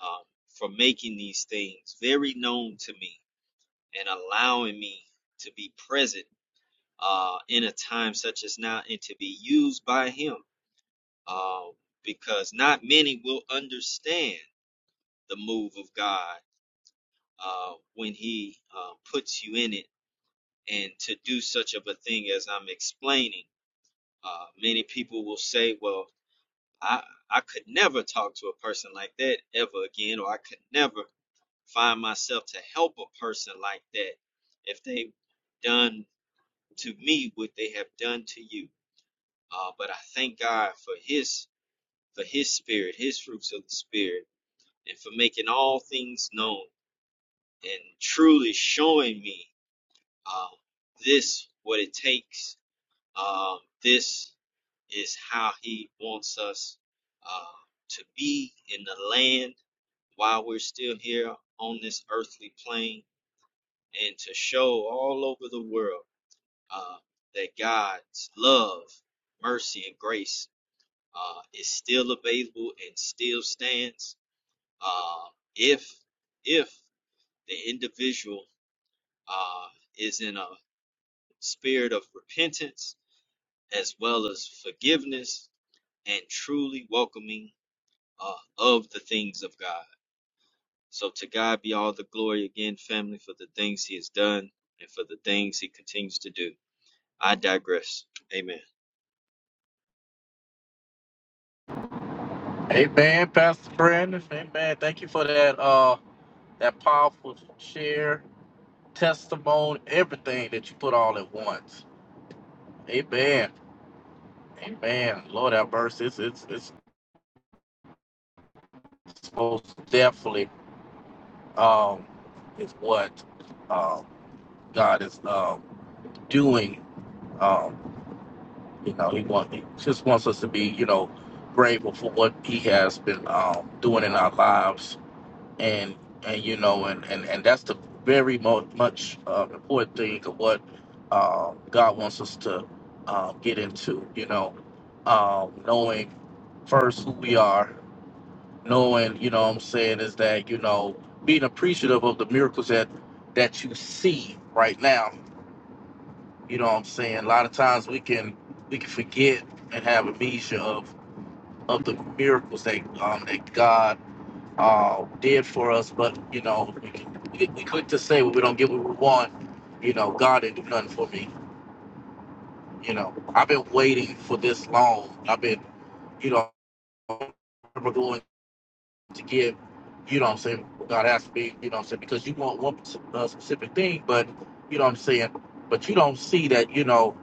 [SPEAKER 6] um, for making these things very known to me and allowing me to be present uh, in a time such as now and to be used by him uh, because not many will understand the move of God uh, when he uh, puts you in it and to do such of a thing as I'm explaining. Uh, many people will say, well, I, I could never talk to a person like that ever again, or I could never find myself to help a person like that if they've done to me what they have done to you Uh, but I thank God for His for His Spirit, His fruits of the Spirit, and for making all things known and truly showing me uh, this what it takes. Um, this is how He wants us uh, to be in the land while we're still here on this earthly plane, and to show all over the world uh, that God's love, mercy, and grace uh, is still available and still stands uh, if if the individual uh, is in a spirit of repentance as well as forgiveness and truly welcoming uh, of the things of God. So to God be all the glory again, family, for the things He has done and for the things He continues to do. I digress. Amen.
[SPEAKER 1] Amen, Pastor Brandon. Amen. Thank you for that uh that powerful share, testimony, everything that you put all at once. Amen. Amen. Lord have mercy. It's it's it's most definitely um is what um God is um doing. Um, you know, he want he just wants us to be, you know, grateful for what he has been um doing in our lives and and you know and and, and that's the very mo- much uh, important thing of what uh, god wants us to uh, get into you know um, knowing first who we are knowing you know what i'm saying is that you know being appreciative of the miracles that that you see right now you know what i'm saying a lot of times we can we can forget and have amnesia of of the miracles that um that god um, did for us. But you know, we, we quick to say when we don't get what we want. You know, God didn't do nothing for me. You know, I've been waiting for this long. I've been, you know, I remember going to give. You know what I'm saying? God asked me. You know what I'm saying? Because you want one uh, specific thing, but you know what I'm saying. But you don't see that. You know,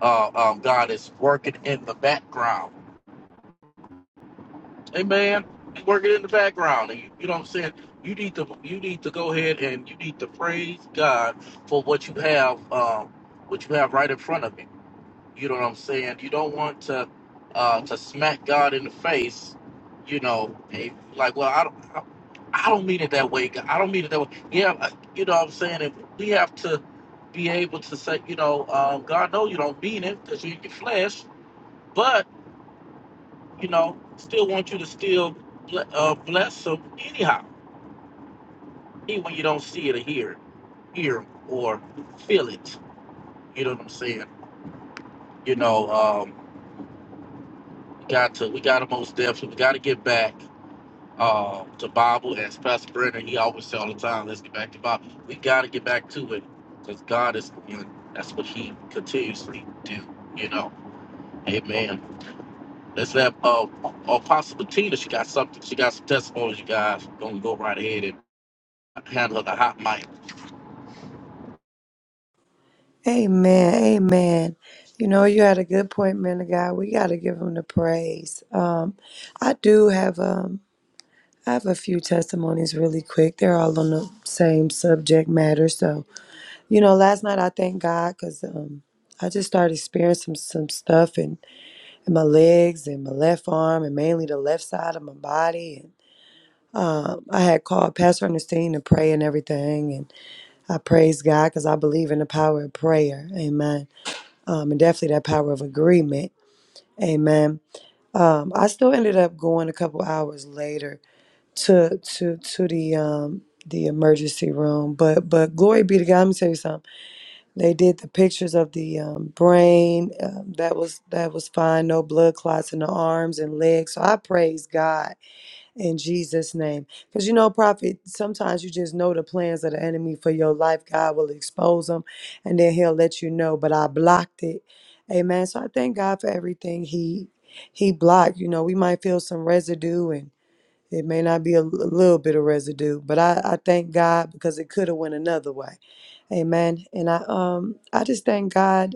[SPEAKER 1] uh, um, God is working in the background Hey man, you work it in the background. And you, you know what I'm saying? You need to you need to go ahead and you need to praise God for what you have, um, what you have right in front of you. You know what I'm saying? You don't want to uh, to smack God in the face. You know, and like well, I don't. I, I don't mean it that way. God. I don't mean it that way. Yeah, I- you know what I'm saying. And we have to be able to say, you know, um, God, no, you don't mean it because you're in your flesh. but you know, still want you to still ble- uh, bless them anyhow, even when you don't see it or hear it, hear 'em or feel it. You know what I'm saying? You know, um, we got to we got to most definitely we got to get back uh, to Bible as Pastor Brennan he always say all the time. Let's get back to Bible. We got to get back to it because God is you know, that's what He continuously do. You know, Amen. Let's have uh, Apostle Bettina. She got something. She got some testimonies. You guys gonna go right ahead and. handling the hot mic.
[SPEAKER 5] Amen. Amen. You know, you had a good point, man of God. We got to give him the praise. Um, I do have um, I have a few testimonies really quick. They're all on the same subject matter. So, you know, last night I thank God because um, I just started experiencing some, some stuff, and and my legs and my left arm and mainly the left side of my body. And um, I had called Pastor Ernestine to pray and everything. And I praise God because I believe in the power of prayer. Amen. Um, and definitely that power of agreement. Amen. Um, I still ended up going a couple hours later to to to the um, the emergency room. But but glory be to God. Let me tell you something. They did the pictures of the um, brain. Um, that was that was fine. No blood clots in the arms and legs. So I praise God in Jesus' name, because you know, prophet. Sometimes you just know the plans of the enemy for your life. God will expose them, and then He'll let you know. But I blocked it. Amen. So I thank God for everything He He blocked. You know, we might feel some residue and it may not be a a little bit of residue, but I, I thank God because it could have went another way. Amen. And I um I just thank God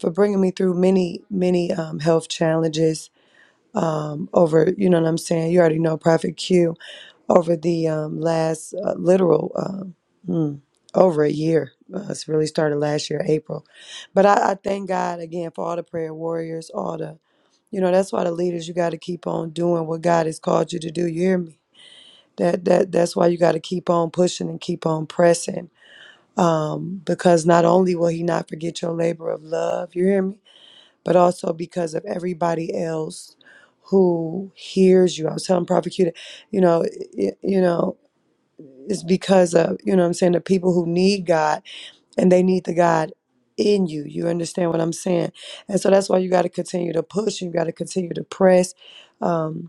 [SPEAKER 5] for bringing me through many many um, health challenges um over you know what I'm saying. You already know Prophet Q over the um last uh, literal um hmm, over a year. Uh, it's really started last year April, but I, I thank God again for all the prayer warriors, all the you know that's why the leaders you got to keep on doing what God has called you to do. You hear me? that that that's why you got to keep on pushing and keep on pressing um because not only will he not forget your labor of love you hear me but also because of everybody else who hears you i was telling prophet Q that, you know it, you know it's because of you know what i'm saying the people who need god and they need the god in you you understand what i'm saying and so that's why you got to continue to push you got to continue to press Um,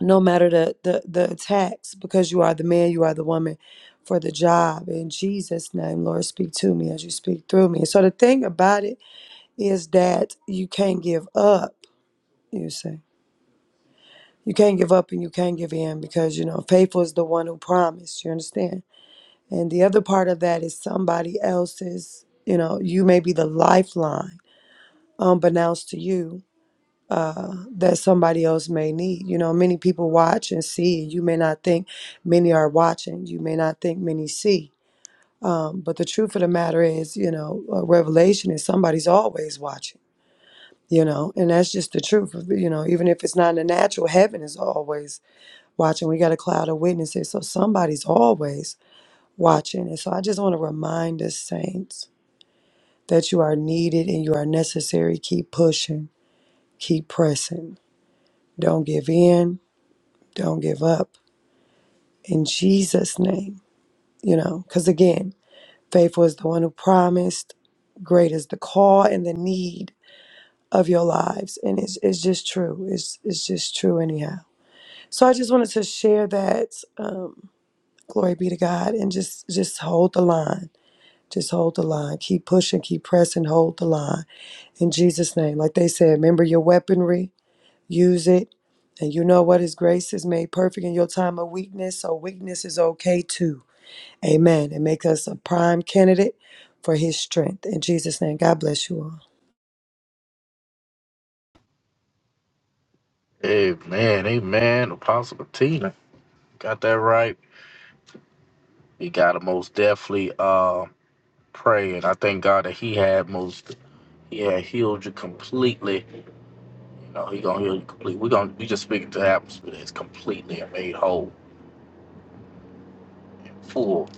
[SPEAKER 5] no matter the, the the attacks because you are the man you are the woman for the job in jesus name lord speak to me as you speak through me so the thing about it is that you can't give up you see you can't give up and you can't give in because you know faithful is the one who promised you understand and the other part of that is somebody else's you know you may be the lifeline unbeknownst to you uh, that somebody else may need. You know, many people watch and see. You may not think many are watching. You may not think many see. Um, but the truth of the matter is, you know, a revelation is somebody's always watching. You know, and that's just the truth. of You know, even if it's not in the natural, heaven is always watching. We got a cloud of witnesses, so somebody's always watching. And so I just want to remind us, saints, that you are needed and you are necessary. Keep pushing, keep pressing. Don't give in Don't give up in Jesus' name, you know, because again, faithful is the one who promised, great is the call and the need of your lives. And it's, it's just true. It's, it's just true, anyhow. So I just wanted to share that. Um, glory be to God. And just, just hold the line. Just hold the line. Keep pushing, keep pressing, hold the line. In Jesus' name. Like they said, remember your weaponry, use it. And you know what? His grace is made perfect in your time of weakness. So weakness is okay too Amen. And make us a prime candidate for his strength. In Jesus' name, God bless you all.
[SPEAKER 1] Amen, amen. Apostle Patina got that right. He got to most definitely uh, pray, and I thank God that he had most. He had healed you completely. You know, he gonna heal you completely. We gonna we just speaking to the atmosphere that's completely and made whole, and full.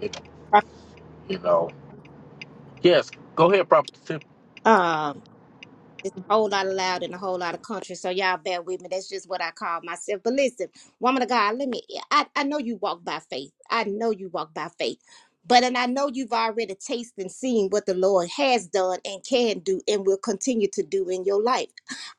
[SPEAKER 1] You know, you know. Yes, go ahead, Prophet Tip.
[SPEAKER 7] Um, it's a whole lot of loud in a whole lot of country, so y'all bear with me. That's just what I call myself. But listen, woman of God, let me. I I know you walk by faith. I know you walk by faith. But and I know you've already tasted and seen what the Lord has done and can do and will continue to do in your life.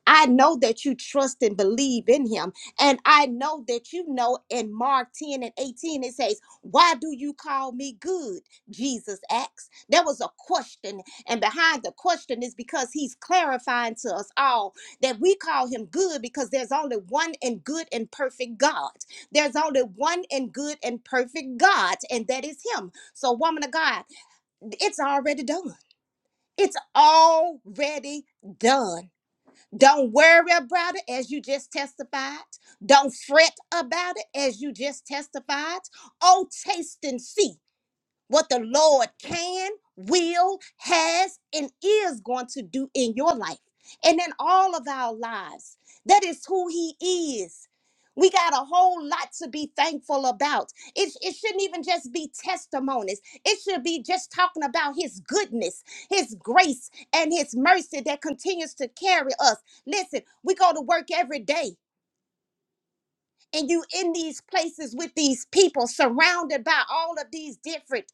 [SPEAKER 7] I know that you trust and believe in him. And I know that you know in Mark 10 and 18 it says, Why do you call me good? Jesus asked. There was a question And behind the question is because he's clarifying to us all that we call him good because there's only one and good and perfect God. There's only one and good and perfect God, and that is him. So, woman of God, it's already done. It's already done. Don't worry about it as you just testified. Don't fret about it as you just testified. Oh, taste and see what the Lord can, will, has, and is going to do in your life and in all of our lives. That is who He is. We got a whole lot to be thankful about. It, it shouldn't even just be testimonies. It should be just talking about his goodness, his grace, and his mercy that continues to carry us. Listen, we go to work every day and you in these places with these people surrounded by all of these different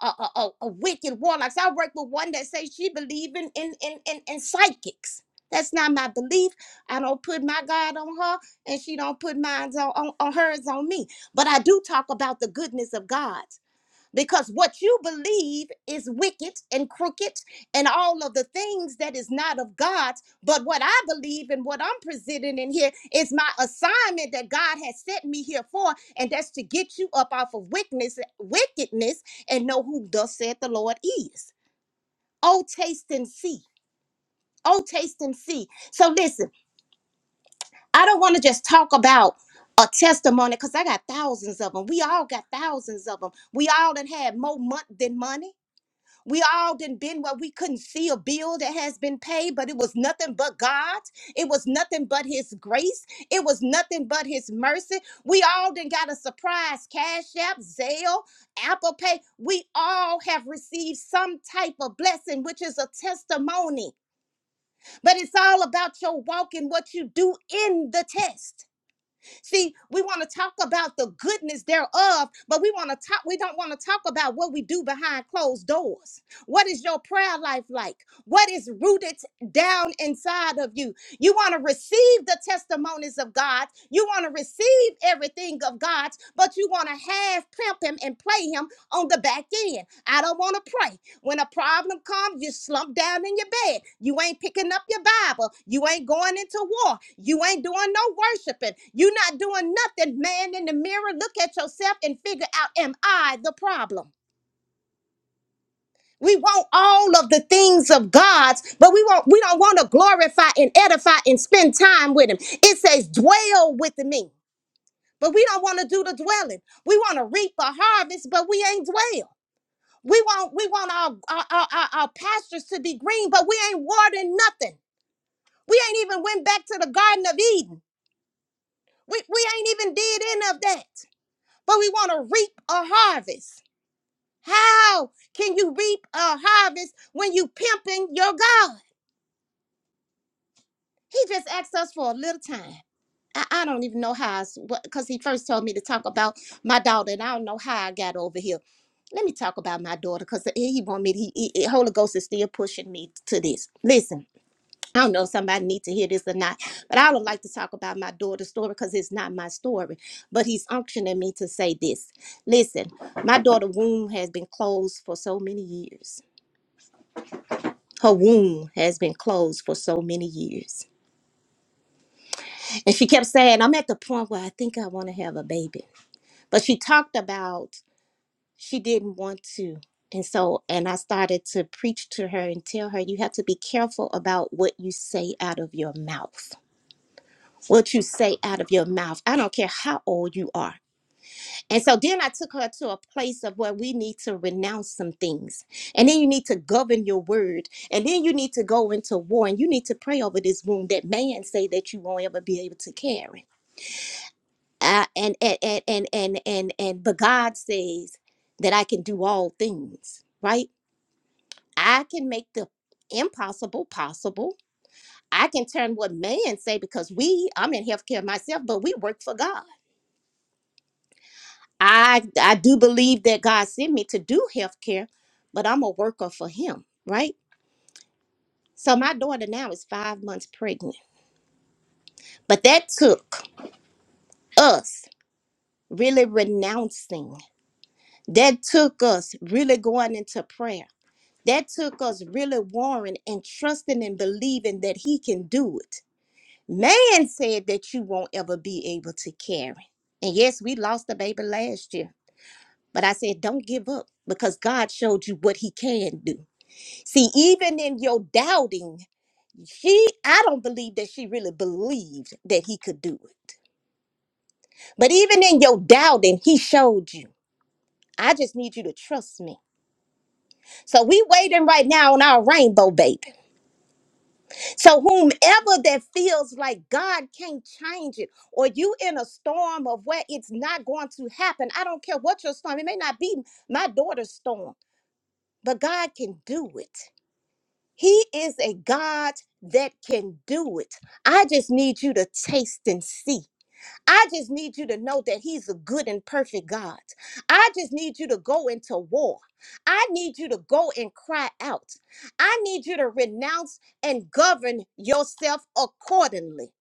[SPEAKER 7] uh, uh, uh, uh, wicked warlocks i work with one that says she believe in in, in in in psychics that's not my belief i don't put my god on her and she don't put mine on, on, on hers on me but i do talk about the goodness of god because what you believe is wicked and crooked and all of the things that is not of God. But what I believe and what I'm presenting in here is my assignment that God has set me here for, and that's to get you up off of wickedness, wickedness, and know who thus said the Lord is. Oh, taste and see. Oh, taste and see. So listen, I don't want to just talk about a testimony because I got thousands of them. We all got thousands of them. We all done had more month than money. We all done been where we couldn't see a bill that has been paid, but it was nothing but God. It was nothing but His grace. It was nothing but His mercy. We all done got a surprise cash app, Zelle, Apple Pay. We all have received some type of blessing, which is a testimony. But it's all about your walk and what you do in the test. See, we want to talk about the goodness thereof, but we want to talk, we don't want to talk about what we do behind closed doors. What is your prayer life like? What is rooted down inside of you? You want to receive the testimonies of God. You want to receive everything of God's, but you want to half pimp him and play him on the back end. I don't want to pray. When a problem comes, you slump down in your bed. You ain't picking up your Bible. You ain't going into war. You ain't doing no worshiping. You not doing nothing, man, in the mirror. Look at yourself and figure out, am I the problem? We want all of the things of God's, but we want we don't want to glorify and edify and spend time with him. It says dwell with me. But we don't want to do the dwelling. We want to reap a harvest, but we ain't dwell. We want we want our our, our, our our pastures to be green, but we ain't watering nothing. We ain't even went back to the Garden of Eden. We, we ain't even did any of that. But we want to reap a harvest. How can you reap a harvest when you pimping your God? He just asked us for a little time. I, I don't even know how, because he first told me to talk about my daughter, and I don't know how I got over here let me talk about my daughter because he he want me to, he, he- Holy Ghost is still pushing me to this. Listen. I don't know if somebody needs to hear this or not, but I don't like to talk about my daughter's story because it's not my story. But he's unctioning me to say this. Listen, my daughter's womb has been closed for so many years. Her womb has been closed for so many years. And she kept saying, I'm at the point where I think I want to have a baby. But she talked about she didn't want to. And so, and I started to preach to her and tell her, you have to be careful about what you say out of your mouth what you say out of your mouth. I don't care how old you are. And so then I took her to a place of where we need to renounce some things. And then you need to govern your word. And then you need to go into war and you need to pray over this wound that man say that you won't ever be able to carry. Uh, and, and, and, and, and, and, and, but God says that I can do all things, right? I can make the impossible possible. I can turn what man say because we, I'm in healthcare myself, but we work for God. I I do believe that God sent me to do healthcare, but I'm a worker for Him, right? So my daughter now is five months pregnant, but that took us really renouncing. That took us really going into prayer. That took us really warring and trusting and believing that He can do it. Man said that you won't ever be able to carry. And yes, we lost a baby last year, but I said, don't give up because God showed you what He can do. See, even in your doubting, she I don't believe that she really believed that he could do it. But even in your doubting, he showed you. I just need you to trust me. So we waiting right now on our rainbow baby. So whomever that feels like God can't change it, or you in a storm of where it's not going to happen. I don't care what your storm, it may not be my daughter's storm, but God can do it. He is a God that can do it. I just need you to taste and see. I just need you to know that He's a good and perfect God. I just need you to go into war. I need you to go and cry out. I need you to renounce and govern yourself accordingly.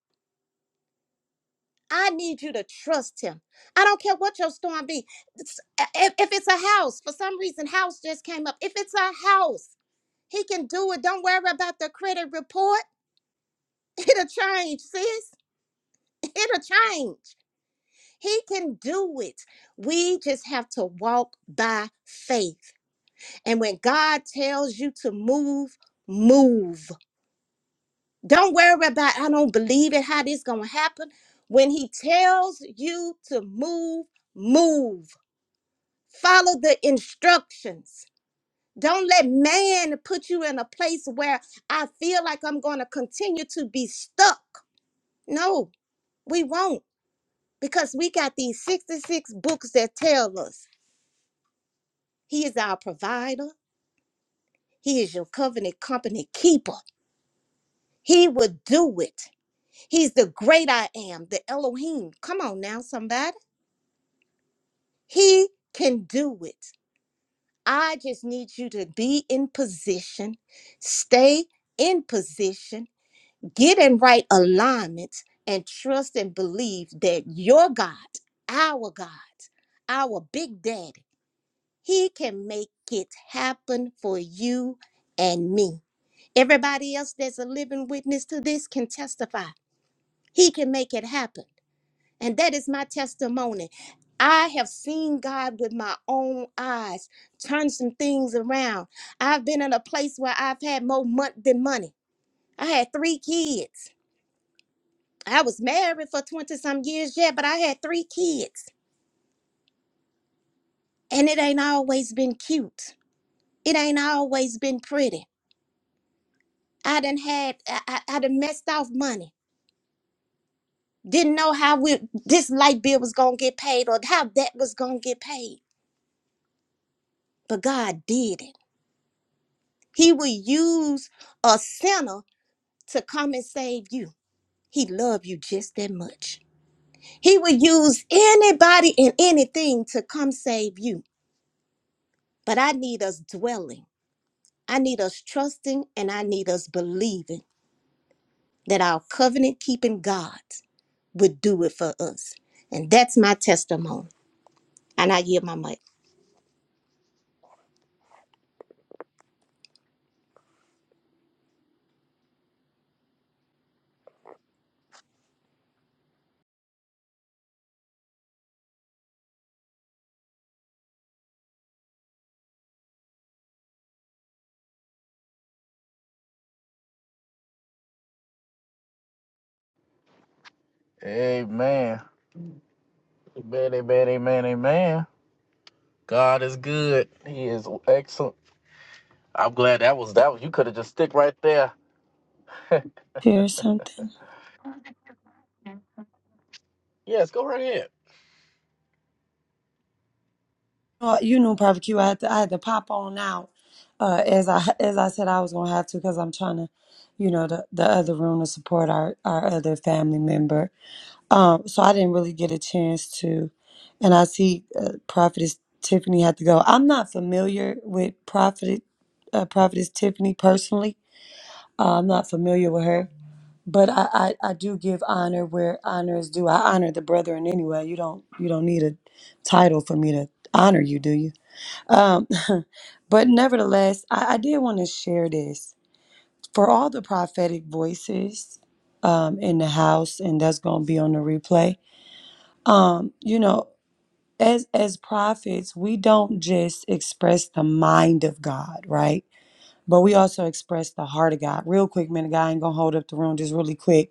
[SPEAKER 7] I need you to trust him. I don't care what your storm be. It's- uh, If if it's a house, for some reason, house just came up. If it's a house, he can do it. Don't worry about the credit report. It'll change, sis. It'll change. He can do it. We just have to walk by faith. And when God tells you to move, move. Don't worry about, I don't believe it, how this going to happen. When he tells you to move, move. Follow the instructions. Don't let man put you in a place where I feel like I'm going to continue to be stuck. No, we won't. because we got these 66 books that tell us he is our provider he is your covenant company keeper he would do it he's the great i am the elohim come on now somebody he can do it i just need you to be in position stay in position get in right alignment and trust and believe that your god our god our big daddy He can make it happen for you and me. Everybody else that's a living witness to this can testify. He can make it happen. And that is my testimony. I have seen God with my own eyes turn some things around. I've been in a place where I've had more money than money. I had three kids. I was married for 20 some years, yeah, but I had three kids. And it ain't always been cute. It ain't always been pretty. I done had, I, I, I done messed off money. Didn't know how we, this light bill was going to get paid or how that was going to get paid. But God did it. He will use a sinner to come and save you. He loved you just that much. He will use anybody and anything to come save you. But I need us dwelling. I need us trusting and I need us believing that our covenant keeping God would do it for us. And that's my testimony. And I yield my mic.
[SPEAKER 1] Amen, amen, amen, amen, amen. God is good. He is excellent. I'm glad that was that. Was, you could have just stick right there. [LAUGHS]
[SPEAKER 5] Here's something.
[SPEAKER 1] Yes, go right ahead.
[SPEAKER 5] Oh, you know, Prophet Q, I had to, I had to pop on out. Uh, as I as I said, I was gonna have to because I'm trying to, you know, the, the other room to support our our other family member. Um, so I didn't really get a chance to, and I see uh, Prophetess Tiffany had to go. I'm not familiar with Prophet uh, Prophetess Tiffany personally. Uh, I'm not familiar with her. but I, I I do give honor where honor is due. I honor the brethren anyway. You don't you don't need a title for me to honor you, do you? Um, [LAUGHS] but nevertheless, I, I did want to share this for all the prophetic voices um, in the house, and that's going to be on the replay. Um, you know, as as prophets, we don't just express the mind of God, right? But we also express the heart of God. Real quick, man, the guy ain't gonna hold up the room just really quick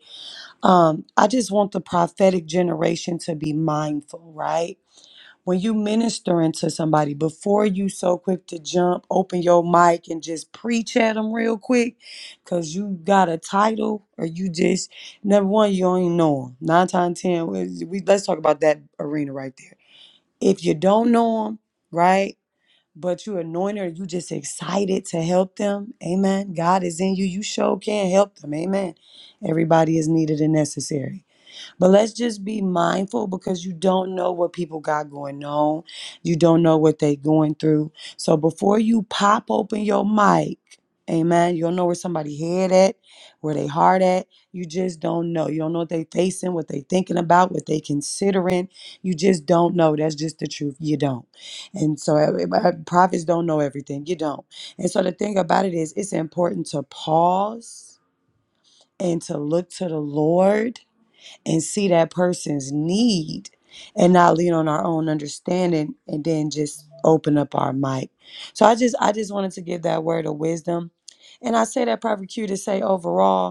[SPEAKER 5] um, I just want the prophetic generation to be mindful, right? When you ministering to somebody, before you so quick to jump, open your mic and just preach at them real quick, cause you got a title or you just number one, you don't even know them. Nine times ten, we, we- let's talk about that arena right there. If you don't know them, right? But you anointed, or you just excited to help them. Amen. God is in you. You sure can help them. Amen. Everybody is needed and necessary. But let's just be mindful because you don't know what people got going on. You don't know what they going through. So before you pop open your mic, amen, you don't know where somebody head at, where they heart at. You just don't know. You don't know what they facing, what they thinking about, what they considering. You just don't know. That's just the truth. You don't. And so everybody, prophets don't know everything. You don't. And so the thing about it is it's important to pause and to look to the Lord and see that person's need and not lean on our own understanding and then just open up our mic. So I just I just wanted to give that word of wisdom. And I say that probably Q, to say overall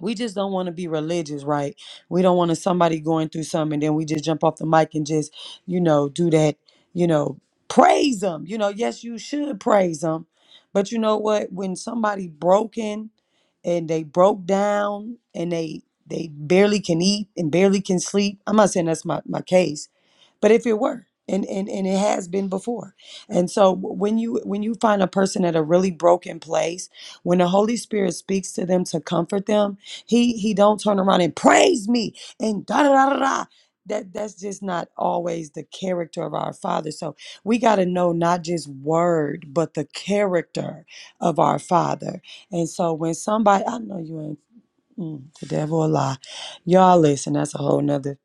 [SPEAKER 5] we just don't want to be religious, right? We don't want to somebody going through something and then we just jump off the mic and just, you know, do that, you know, praise them. You know, yes, you should praise them. But you know what? When somebody broken and they broke down and they they barely can eat and barely can sleep, I'm not saying that's my, my case, but if it were and, and and it has been before and so when you when you find a person at a really broken place when the holy spirit speaks to them to comfort them he he don't turn around and praise me and da da da da da that that's just not always the character of our father so we got to know not just word but the character of our father and so when somebody i know you ain't mm, the devil a lie y'all listen that's a whole nother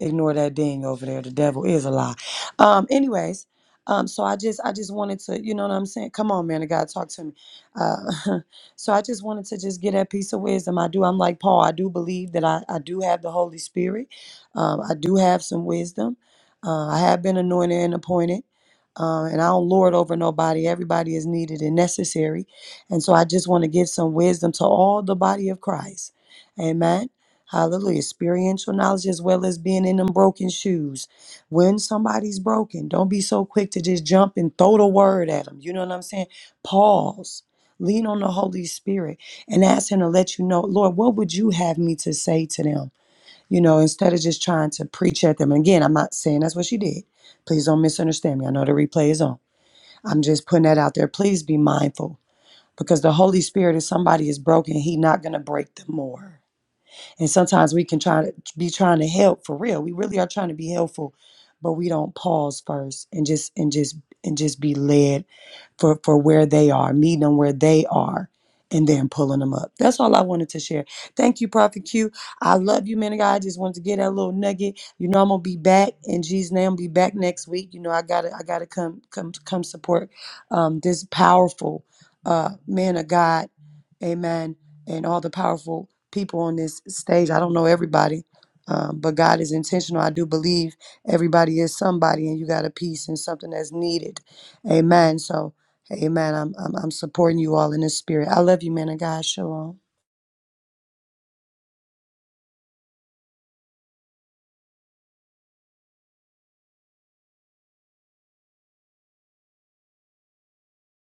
[SPEAKER 5] ignore that ding over there. The devil is a lie. Um, anyways, um, so I just I just wanted to, you know what I'm saying? Come on, man, of God, talk to me. Uh, [LAUGHS] so I just wanted to just get that piece of wisdom. I do. I'm like Paul. I do believe that I I do have the Holy Spirit. Um, I do have some wisdom. Uh, I have been anointed and appointed. Uh, and I don't lord over nobody. Everybody is needed and necessary. And so I just want to give some wisdom to all the body of Christ. Amen Hallelujah. Experiential knowledge as well as being in them broken shoes. When somebody's broken, don't be so quick to just jump and throw the word at them. You know what I'm saying? Pause. Lean on the Holy Spirit and ask Him to let you know, Lord, what would you have me to say to them? You know, instead of just trying to preach at them. And again, I'm not saying that's what she did. Please don't misunderstand me. I know the replay is on. I'm just putting that out there. Please be mindful because the Holy Spirit, if somebody is broken, He not going to break them more. And sometimes we can try to be trying to help for real. We really are trying to be helpful, but we don't pause first and just and just and just be led for for where they are, meeting them where they are, and then pulling them up. That's all I wanted to share. Thank you, Prophet Q. I love you, man of God. I just wanted to get that little nugget. You know I'm gonna be back in Jesus' name. I'll be back next week. You know I gotta I gotta come come come support um, this powerful uh, man of God. Amen. And all the powerful people on this stage. I don't know everybody, uh, but God is intentional. I do believe everybody is somebody, and you got a piece and something that's needed. Amen. So, amen. I'm, I'm, I'm supporting you all in this spirit. I love you, man of God. Shalom.